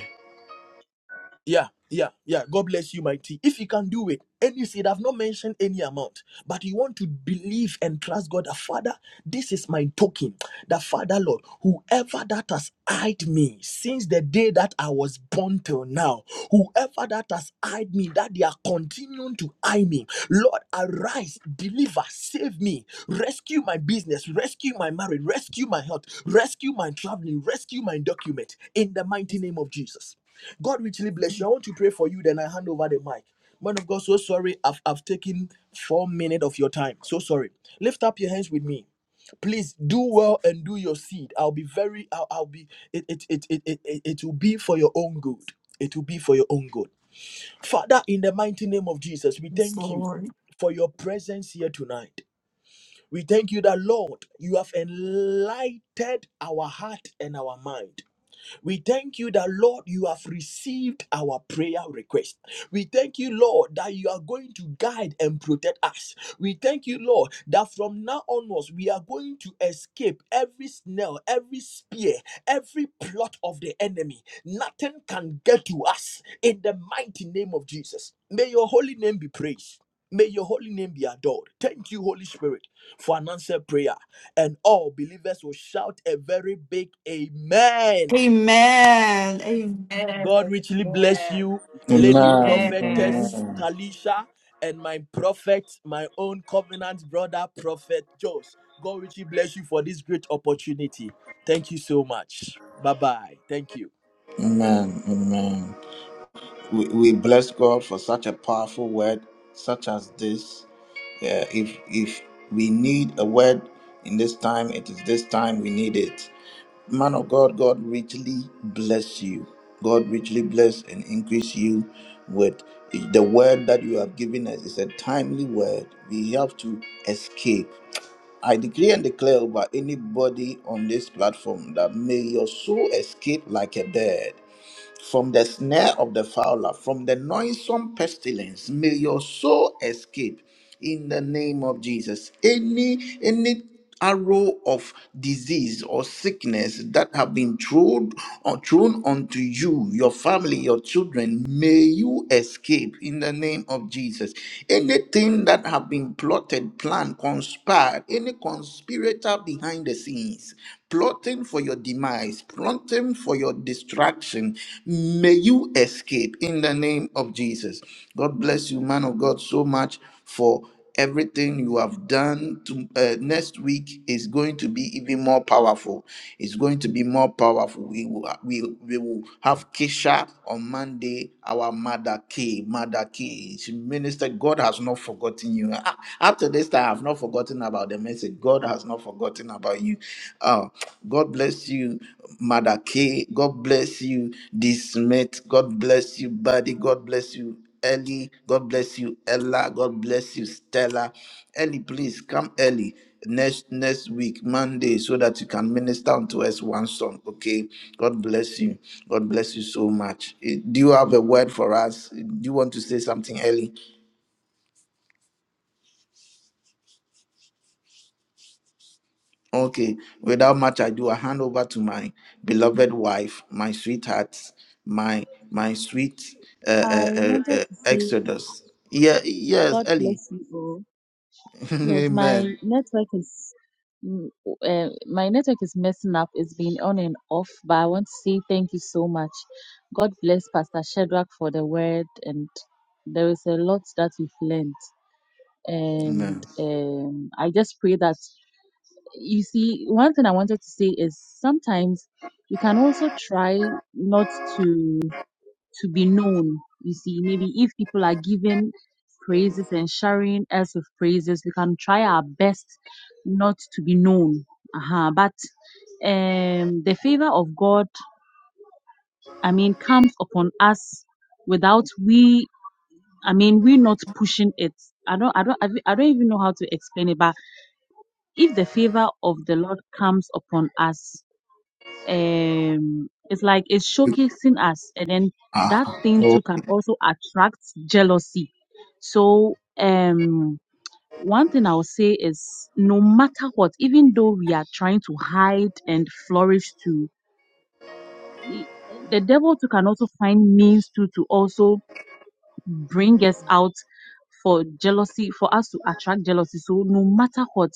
B: Yeah, yeah, yeah. God bless you, mighty. If you can do it, any seed, I've not mentioned any amount, but you want to believe and trust God that Father, this is my token. That Father, Lord, whoever that has eyed me since the day that I was born till now, whoever that has eyed me, that they are continuing to eye me, Lord, arise, deliver, save me, rescue my business, rescue my marriage, rescue my health, rescue my traveling, rescue my document in the mighty name of Jesus. God richly bless you. I want to pray for you, then I hand over the mic. Man of God, so sorry. I've, I've taken four minutes of your time. So sorry. Lift up your hands with me. Please do well and do your seed. I'll be very, I'll, I'll be, it, it, it, it, it, it it will be for your own good. It will be for your own good. Father, in the mighty name of Jesus, we
C: Yes,
B: thank you
C: Lord.
B: for your presence here tonight. We thank you that, Lord, you have enlightened our heart and our mind. We thank you that, Lord, you have received our prayer request. We thank you, Lord, that you are going to guide and protect us. We thank you, Lord, that from now onwards we are going to escape every snare, every spear, every plot of the enemy. Nothing can get to us in the mighty name of Jesus. May your holy name be praised. May your holy name be adored. Thank you, Holy Spirit, for an answered prayer. And all believers will shout a very big Amen.
C: Amen. Amen.
B: God richly bless
C: Amen.
B: you, Lady
A: Amen.
C: Amen.
B: Prophetess
A: Amen.
B: Talisha, and my prophet, my own covenant brother, Prophet Josh. God richly bless you for this great opportunity. Thank you so much. Bye bye. Thank you.
A: Amen. Amen. we, we bless God for such a powerful word such as this. Yeah, if if we need a word in this time, it is this time we need it. Man of God, God richly bless you. God richly bless and increase you with the word that you have given us. It's a timely word. We have to escape. I decree and declare over anybody on this platform that may your soul escape like a bird from the snare of the fowler, from the noisome pestilence, may your soul escape in the name of Jesus. Any any arrow of disease or sickness that have been thrown or thrown onto you, your family, your children, may you escape in the name of Jesus. Anything that have been plotted, planned, conspired, any conspirator behind the scenes, plotting for your demise, plotting for your destruction, may you escape in the name of Jesus. God bless you, man of God, so much for everything you have done to, uh, next week is going to be even more powerful it's going to be more powerful we will we, we will have kesha on monday our mother k mother k she minister god has not forgotten you Ah, after this time i've not forgotten about the message god has not forgotten about you uh, god bless you mother k god bless you this mate god bless you buddy god bless you Ellie, God bless you. Ella, God bless you. Stella, Ellie, please come early next next week, Monday, so that you can minister unto us one song. Okay. God bless you. God bless you so much. Eh, Do you have a word for us? Eh, Do you want to say something, Ellie? Okay. Without much ado, I hand over to my beloved wife, my sweetheart, my my sweet uh, uh,
F: I
A: uh,
F: wanted
A: uh,
F: to say
A: Exodus. Yeah. Yes,
F: God
A: Ellie.
F: bless you all. Yes, my
A: Amen.
F: network is mm, uh, my network is messing up. It's been on and off, but I want to say thank you so much. God bless Pastor Shadrach for the word, and there is a lot that we've learned. And
A: Amen.
F: um, I just pray that you see one thing I wanted to say is sometimes we can also try not to. to be known. You see, maybe if people are giving praises and sharing us with praises, we can try our best not to be known. Uh-huh. But um, the favor of God, I mean, comes upon us without we, I mean, we're not pushing it. I don't, I don't, I don't even know how to explain it. But if the favor of the Lord comes upon us, um it's like it's showcasing us and then
A: Ah,
F: that thing
A: oh,
F: too can also attract jealousy so um one thing i'll say is no matter what even though we are trying to hide and flourish too i- the devil too can also find means to to also bring us out for jealousy for us to attract jealousy so no matter what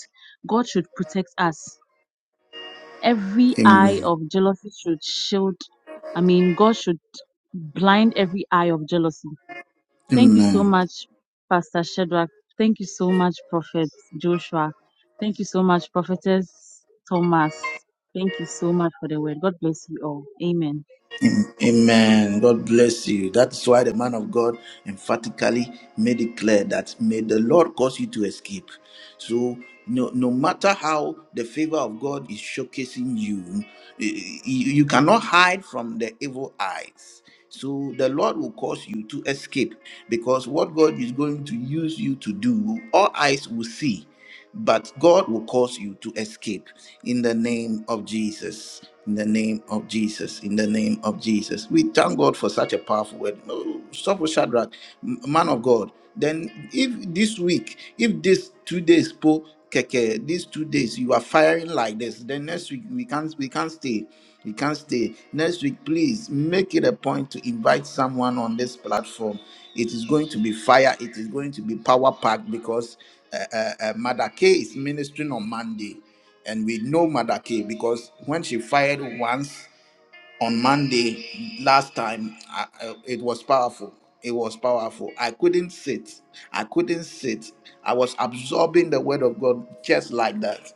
F: god should protect us every eye
A: amen.
F: of jealousy should shield i mean god should blind every eye of jealousy thank you so
A: Amen.
F: much pastor shadrach thank you so much prophet joshua thank you so much prophetess thomas thank you so much for the word god bless you all amen
A: Am- Amen. God bless you. That's why the man of God emphatically made it clear that may the Lord cause you to escape. So, no, no matter how the favor of God is showcasing you, eh, eh, you, you cannot hide from the evil eyes. So, the Lord will cause you to escape because what God is going to use you to do, all eyes will see. but God will cause you to escape in the name of Jesus. In the name of Jesus, in the name of Jesus. We thank God for such a powerful word. Oh, Stop with Shadrach, m- man of God. Then, if this week, if this two days, po keke, these two days you are firing like this, then next week we can't we can't stay. We can't stay. Next week, please make it a point to invite someone on this platform. It is going to be fire, it is going to be power packed because uh, uh, uh, Madake is ministering on Monday, and we know Madake because when she fired once, on Monday last time, I, I- it was powerful. It was powerful. I couldn't sit. I couldn't sit. I was absorbing the word of God just like that.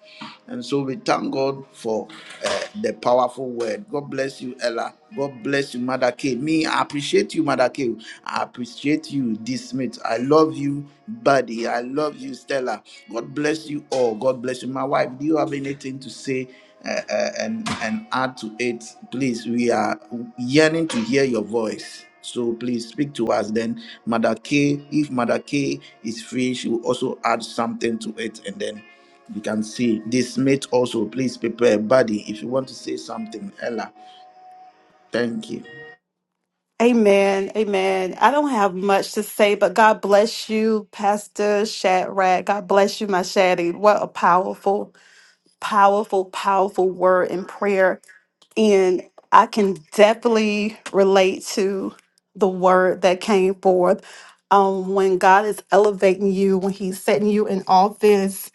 A: And so we thank God for uh, the powerful word. God bless you, Ella. God bless you, Mother K. Me, I appreciate you, Mother K. I appreciate you, D. Smith. I love you, buddy. I love you, Stella. God bless you all. God bless you. My wife, do you have anything to say uh, uh, and and add to it please we are yearning to hear your voice so please speak to us then mother k if mother k is free she will also add something to it and then you can see this mate also please prepare buddy if you want to say something ella thank you
C: Amen. Amen. I don't have much to say, but God bless you, Pastor Shadrach. God bless you, my Shaddy. What a powerful powerful, powerful word in prayer. And I can definitely relate to the word that came forth. Um, when God is elevating you, when He's setting you in office,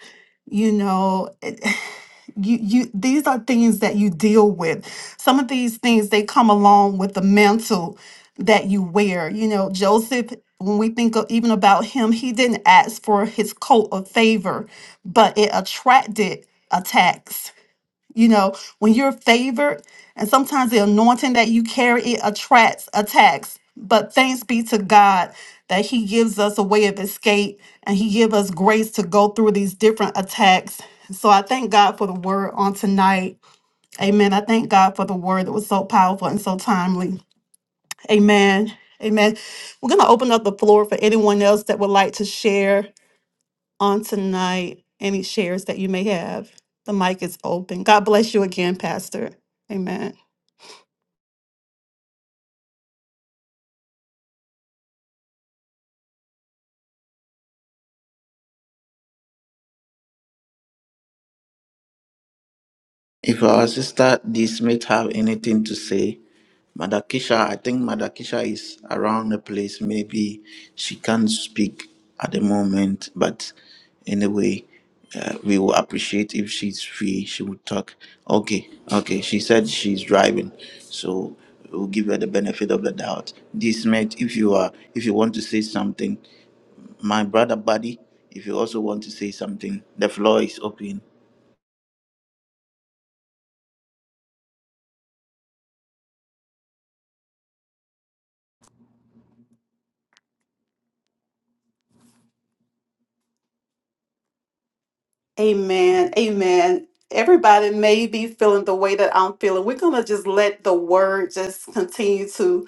C: you know, it- you you these are things that you deal with. Some of these things they come along with the mantle that you wear. You know, Joseph. When we think of even about him, he didn't ask for his coat of favor, but it attracted attacks you know, when you're favored, and sometimes the anointing that you carry it attracts attacks. But thanks be to God that He gives us a way of escape and He give us grace to go through these different attacks. So I thank God for the word on tonight. Amen. I thank God for the word that was so powerful and so timely. Amen. Amen. We're going to open up the floor for anyone else that would like to share on tonight, any shares that you may have. The mic is open. God bless you again, Pastor. Amen.
A: If our sister D. Smith have anything to say, Madakisha, I think Madakisha is around the place. Maybe she can't speak at the moment, but anyway, uh, we will appreciate if she's free. She will talk. Okay, okay. She said she's driving, so we'll give her the benefit of the doubt. D. Smith, if you are, if you want to say something, my brother Buddy, if you also want to say something, the floor is open.
C: Amen. Amen. Everybody may be feeling the way that I'm feeling. We're going to just let the word just continue to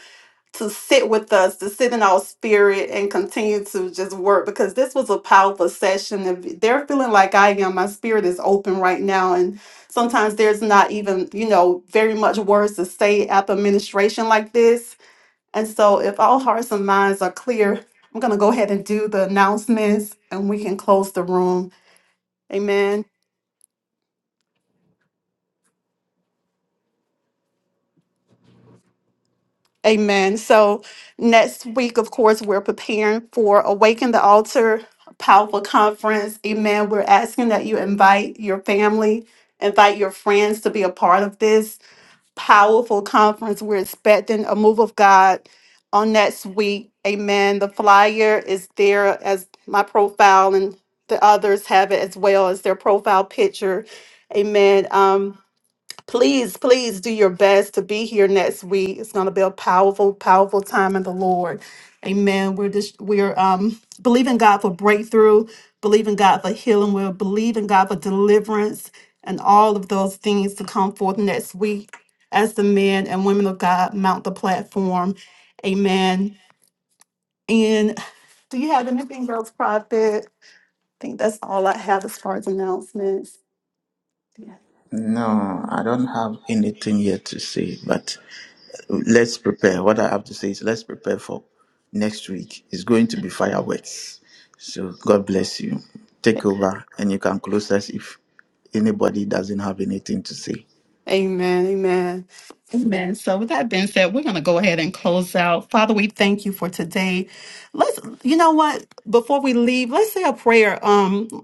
C: to sit with us, to sit in our spirit and continue to just work because this was a powerful session. If they're feeling like I am, my spirit is open right now. And sometimes there's not even, you know, very much words to say after ministration like this. And so if all hearts and minds are clear, I'm going to go ahead and do the announcements and we can close the room. Amen. Amen. So next week, of course, we're preparing for Awaken the Altar Powerful Conference. Amen. We're asking that you invite your family, invite your friends to be a part of this powerful conference. We're expecting a move of God on next week. Amen. The flyer is there as my profile and the others have it as well as their profile picture. Amen. Um, please, please do your best to be here next week. It's going to be a powerful, powerful time in the Lord. Amen. We're just we're um believing God for breakthrough, believing God for healing. We're believing God for deliverance and all of those things to come forth next week as the men and women of God mount the platform. Amen. And do you have anything else, Prophet? I think that's all I have as far as announcements.
A: No, I don't have anything yet to say, but let's prepare. What I have to say is let's prepare for next week. It's going to be fireworks. So God bless you.
C: Yeah.
A: Take over and you can close us if anybody doesn't have anything to say.
C: Amen. Amen. Amen. So with that being said, we're going to go ahead and close out. Father, we thank you for today. Let's you know what? Before we leave, let's say a prayer. Um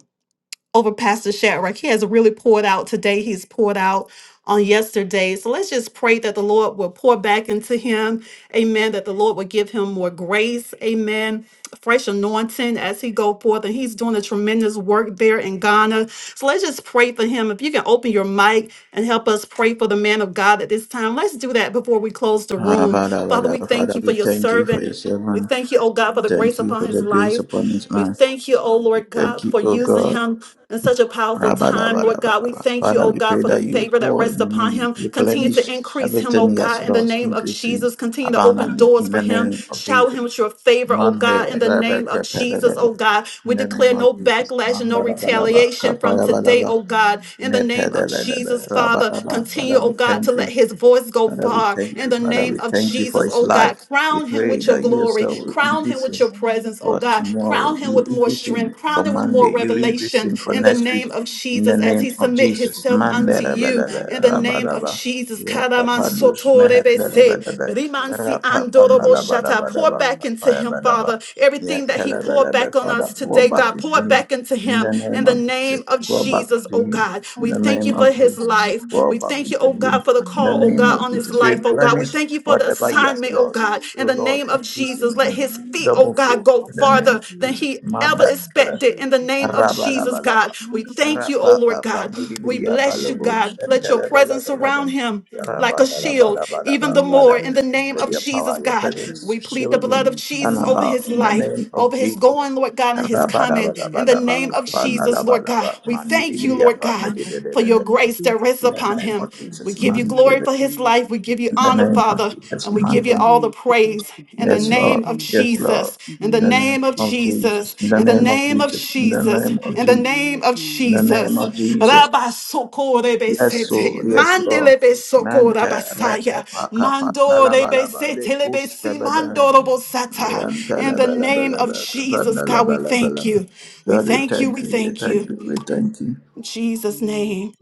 C: over Pastor Shadrach. He has really poured out today. He's poured out on yesterday. So let's just pray that the Lord will pour back into him. Amen. That the Lord will give him more grace. Amen. Fresh anointing as he go forth. And he's doing a tremendous work there in Ghana. So let's just pray for him. If you can open your mic and help us pray for the man of God at this time, let's do that before we close the
A: Ah,
C: room.
A: Father,
C: Father, we
A: Father,
C: thank
A: Father,
C: you for
A: we
C: your
A: thank you for
C: servant.
A: your
C: We
A: servant.
C: thank you, oh God, for the grace
A: Thank you
C: upon
A: for
C: his
A: the grace
C: life.
A: upon his
C: We
A: life.
C: thank you, oh Lord
A: Thank
C: God,
A: you,
C: for
A: oh
C: using
A: God.
C: him in such a powerful time, Lord God. We
A: Rabadabadabadaba.
C: thank you,
A: Father,
C: oh
A: we
C: God,
A: pray
C: for the
A: that you
C: favor that
A: pour in
C: rests upon
A: him,
C: him. Continue
A: replenish
C: to increase him, oh
A: everything he has
C: God, in the
A: lost,
C: name of
A: increase him
C: Jesus. Continue to open
A: abundantly
C: doors
A: in
C: for
A: the
C: him.
A: name of
C: Shower
A: Jesus.
C: him with your favor, oh
A: Mande,
C: God, in the name of
A: Rebecca,
C: Jesus,
A: Pedalebe.
C: oh God. We
A: In the name
C: declare
A: of
C: no
A: Jesus.
C: backlash and no
A: Mandarabalaba,
C: retaliation from today,
A: Kapayabalaba,
C: oh God, in the name of Jesus,
A: Nepedalebe,
C: Father.
A: Rabadaba.
C: Continue,
A: Father,
C: oh
A: we
C: God, to
A: thank you.
C: let his voice voice go
A: Father, we
C: far
A: thank
C: in
A: you.
C: the
A: Father,
C: name
A: we
C: of
A: thank you for
C: Jesus,
A: his
C: oh God.
A: life. We
C: Crown him
A: pray
C: with your
A: that you
C: glory,
A: yourself will
C: crown him
A: increase
C: with
A: him
C: your presence, oh
A: for
C: God.
A: tomorrow.
C: Crown him
A: You
C: with more
A: increase him
C: strength,
F: The
A: for
C: crown him with more
A: Monday. You increase
C: revelation
A: him for
C: in the
A: next week.
C: name of
A: In the
C: Jesus as
A: name
C: he
A: of
C: submit
A: Jesus.
C: himself
A: Mande
C: unto you
A: rebelebe
C: in the name of
A: rabadaba.
C: Jesus.
A: Ya kapandush mehende
C: Karamansotorebese.
A: rebelebe.
C: Rimansi andorobo
F: call
C: shata. Pour
A: Rapapanalabadabadaba.
C: back into him,
A: Kapayabadaba.
C: Father.
A: Ya
C: Everything that he poured
A: telebelebe.
C: back on us
A: Father, pour
C: today,
A: back
C: God, pour
A: into
C: it
A: him.
C: back into
A: In
C: him
A: the
C: in
A: name
C: the
A: of Jesus.
C: name of
A: Fall back
C: Jesus,
A: to
C: oh
A: him
C: God.
A: in
C: We
A: the
F: for
C: thank
A: name
C: you for
A: of
F: double
C: his
A: Jesus.
C: life.
A: Fall
C: We
A: back
F: anointing,
C: thank you,
A: into
C: oh
F: fresh
C: God,
A: him
C: for the
A: in the
C: call,
F: anointing
C: oh
A: name
C: God,
A: of
C: on
F: upon
C: his
A: Jesus.
F: his
C: life,
F: life,
C: oh God. We
A: Replenish
C: thank you for the
A: whatever he has
C: assignment, oh
A: lost.
C: God. In
A: Oh
C: the
A: Lord,
C: name of
A: increase
F: fresh
A: him
C: Jesus, let
A: in
C: his feet,
F: anointing
C: oh
A: double
C: God,
A: fold
C: go
A: in the
F: upon
A: name
F: his
C: farther
A: of
C: than
F: life
A: Jesus.
C: he
F: in the
C: ever
A: Manda,
F: name of
A: Father.
C: expected. In the
F: Jesus.
C: name of
F: Give
C: Jesus,
F: him
A: Rabalabalaba.
C: God, we
F: stronger, bo-
C: thank you, oh Lord
A: Rapakapa
C: God.
F: give him
C: We
A: Nidibriya
C: bless
F: stronger
C: you,
A: Palabo
C: God. Let
F: anointing,
C: your presence
F: give
A: Shantalabalabalaba.
C: surround
F: him
C: him like
F: stronger
C: a shield
F: insight.
C: even the
A: Rabalabalabalaba.
F: No
C: more
A: Father,
C: in
F: word
C: the name
A: let
C: of
A: your
C: Jesus,
A: power, your
F: of
C: God.
A: presence
F: faith
C: We
F: is
C: plead the
A: shield
F: in the
C: blood
A: him
C: of
F: mighty
A: and
C: Jesus
F: name
C: over
F: of
A: about
C: his
A: in the name
C: life,
F: Jesus.
A: of
C: over his
A: Jesus.
C: going, Lord God,
A: In
C: and his
A: the
C: coming.
F: surrounding
C: In
F: the
C: the
F: fire
C: name
F: of
C: of
F: the Holy
C: Jesus,
F: Ghost.
C: Lord God, we thank you,
F: Any
C: Lord God,
F: plan of the
C: for your
F: enemy
C: grace that
F: against his
C: rests
F: life,
C: upon
A: name
C: him.
A: of
C: We
A: Jesus,
F: cancel
C: give
F: it
C: you
F: in
A: man.
F: the
C: glory
A: In
C: for
F: mighty
C: his
F: name of
C: life. We give you
A: the
F: Jesus.
C: honor,
A: name of
C: Father,
A: Jesus,
C: and we give
F: Protect
C: you
A: man.
F: him
C: all the
F: and keep him
C: praise
F: safe
C: in the
A: Yes,
F: and his
C: name
A: Lord.
C: of
F: family
A: Yes, Lord.
C: Jesus.
F: in the
C: In
A: In
C: the
A: the
F: name of
A: name
C: name of
A: of
F: Jesus.
A: Jesus.
C: Jesus.
A: In the
F: And
C: In the
A: name
F: his
A: of
C: name of
F: family
A: Jesus. In the
C: Jesus.
A: name of
C: In the
F: in
A: Jesus.
F: the
C: name of
F: mighty
A: In the
F: name of
A: name
C: Jesus.
A: of
F: Jesus.
A: Jesus.
C: Rabba soko
A: Yes,
F: In the
A: so
F: name of
A: yes, Lord.
F: Jesus.
A: Mente re e
C: rabasaya.
A: pa ka pa na
C: Mando
A: la ba
C: rebe
A: la ba
C: se
A: le
C: telebe
A: push ke
C: si
A: be de. he.
C: mando robo sata.
A: God,
C: In the name of Jesus, God, we thank you. We
A: we
C: thank you.
A: thank
C: We
A: you, we
C: thank
A: thank
C: you.
A: you, we thank you.
C: In Jesus' name.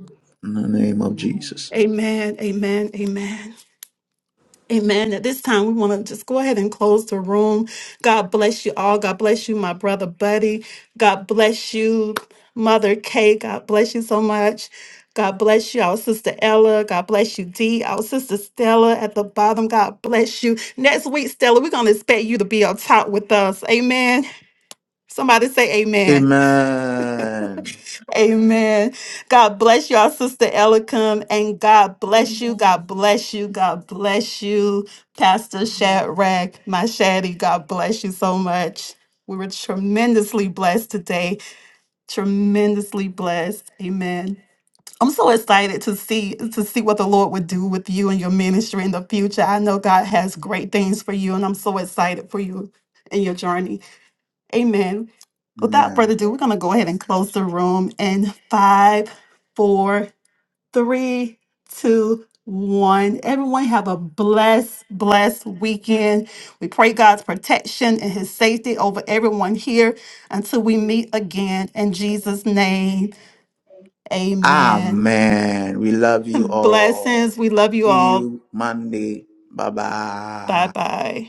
A: In the name of
F: Amen.
A: Jesus.
C: Amen. Amen. Amen. Amen. At this time, we want to just go ahead and close the room. God bless you all. God bless you, my brother Buddy. God bless you, Mother Kay. God bless you so much. God bless you, our sister Ella. God bless you, Dee. Our sister Stella at the bottom. God bless you. Next week, Stella, we're going to expect you to be up top with us. Amen. Somebody say amen.
A: Amen.
C: Amen. God bless y'all, Sister Elikam, and God bless you. God bless you. God bless you, Pastor Shadrach, my Shaddy. God bless you so much. We were tremendously blessed today. Tremendously blessed. Amen. I'm so excited to see to see what the Lord would do with you and your ministry in the future. I know God has great things for you, and I'm so excited for you and your journey. Amen. Without further
A: Amen.
C: ado, we're going to go ahead and close the room in five, four, three, two, one. Everyone have a blessed, blessed weekend. We pray God's protection and his safety over everyone here until we meet again in Jesus' name. Amen.
A: Amen. We love you all.
C: Blessings. We love you
A: See
C: all.
A: you Monday. Bye bye.
C: Bye bye.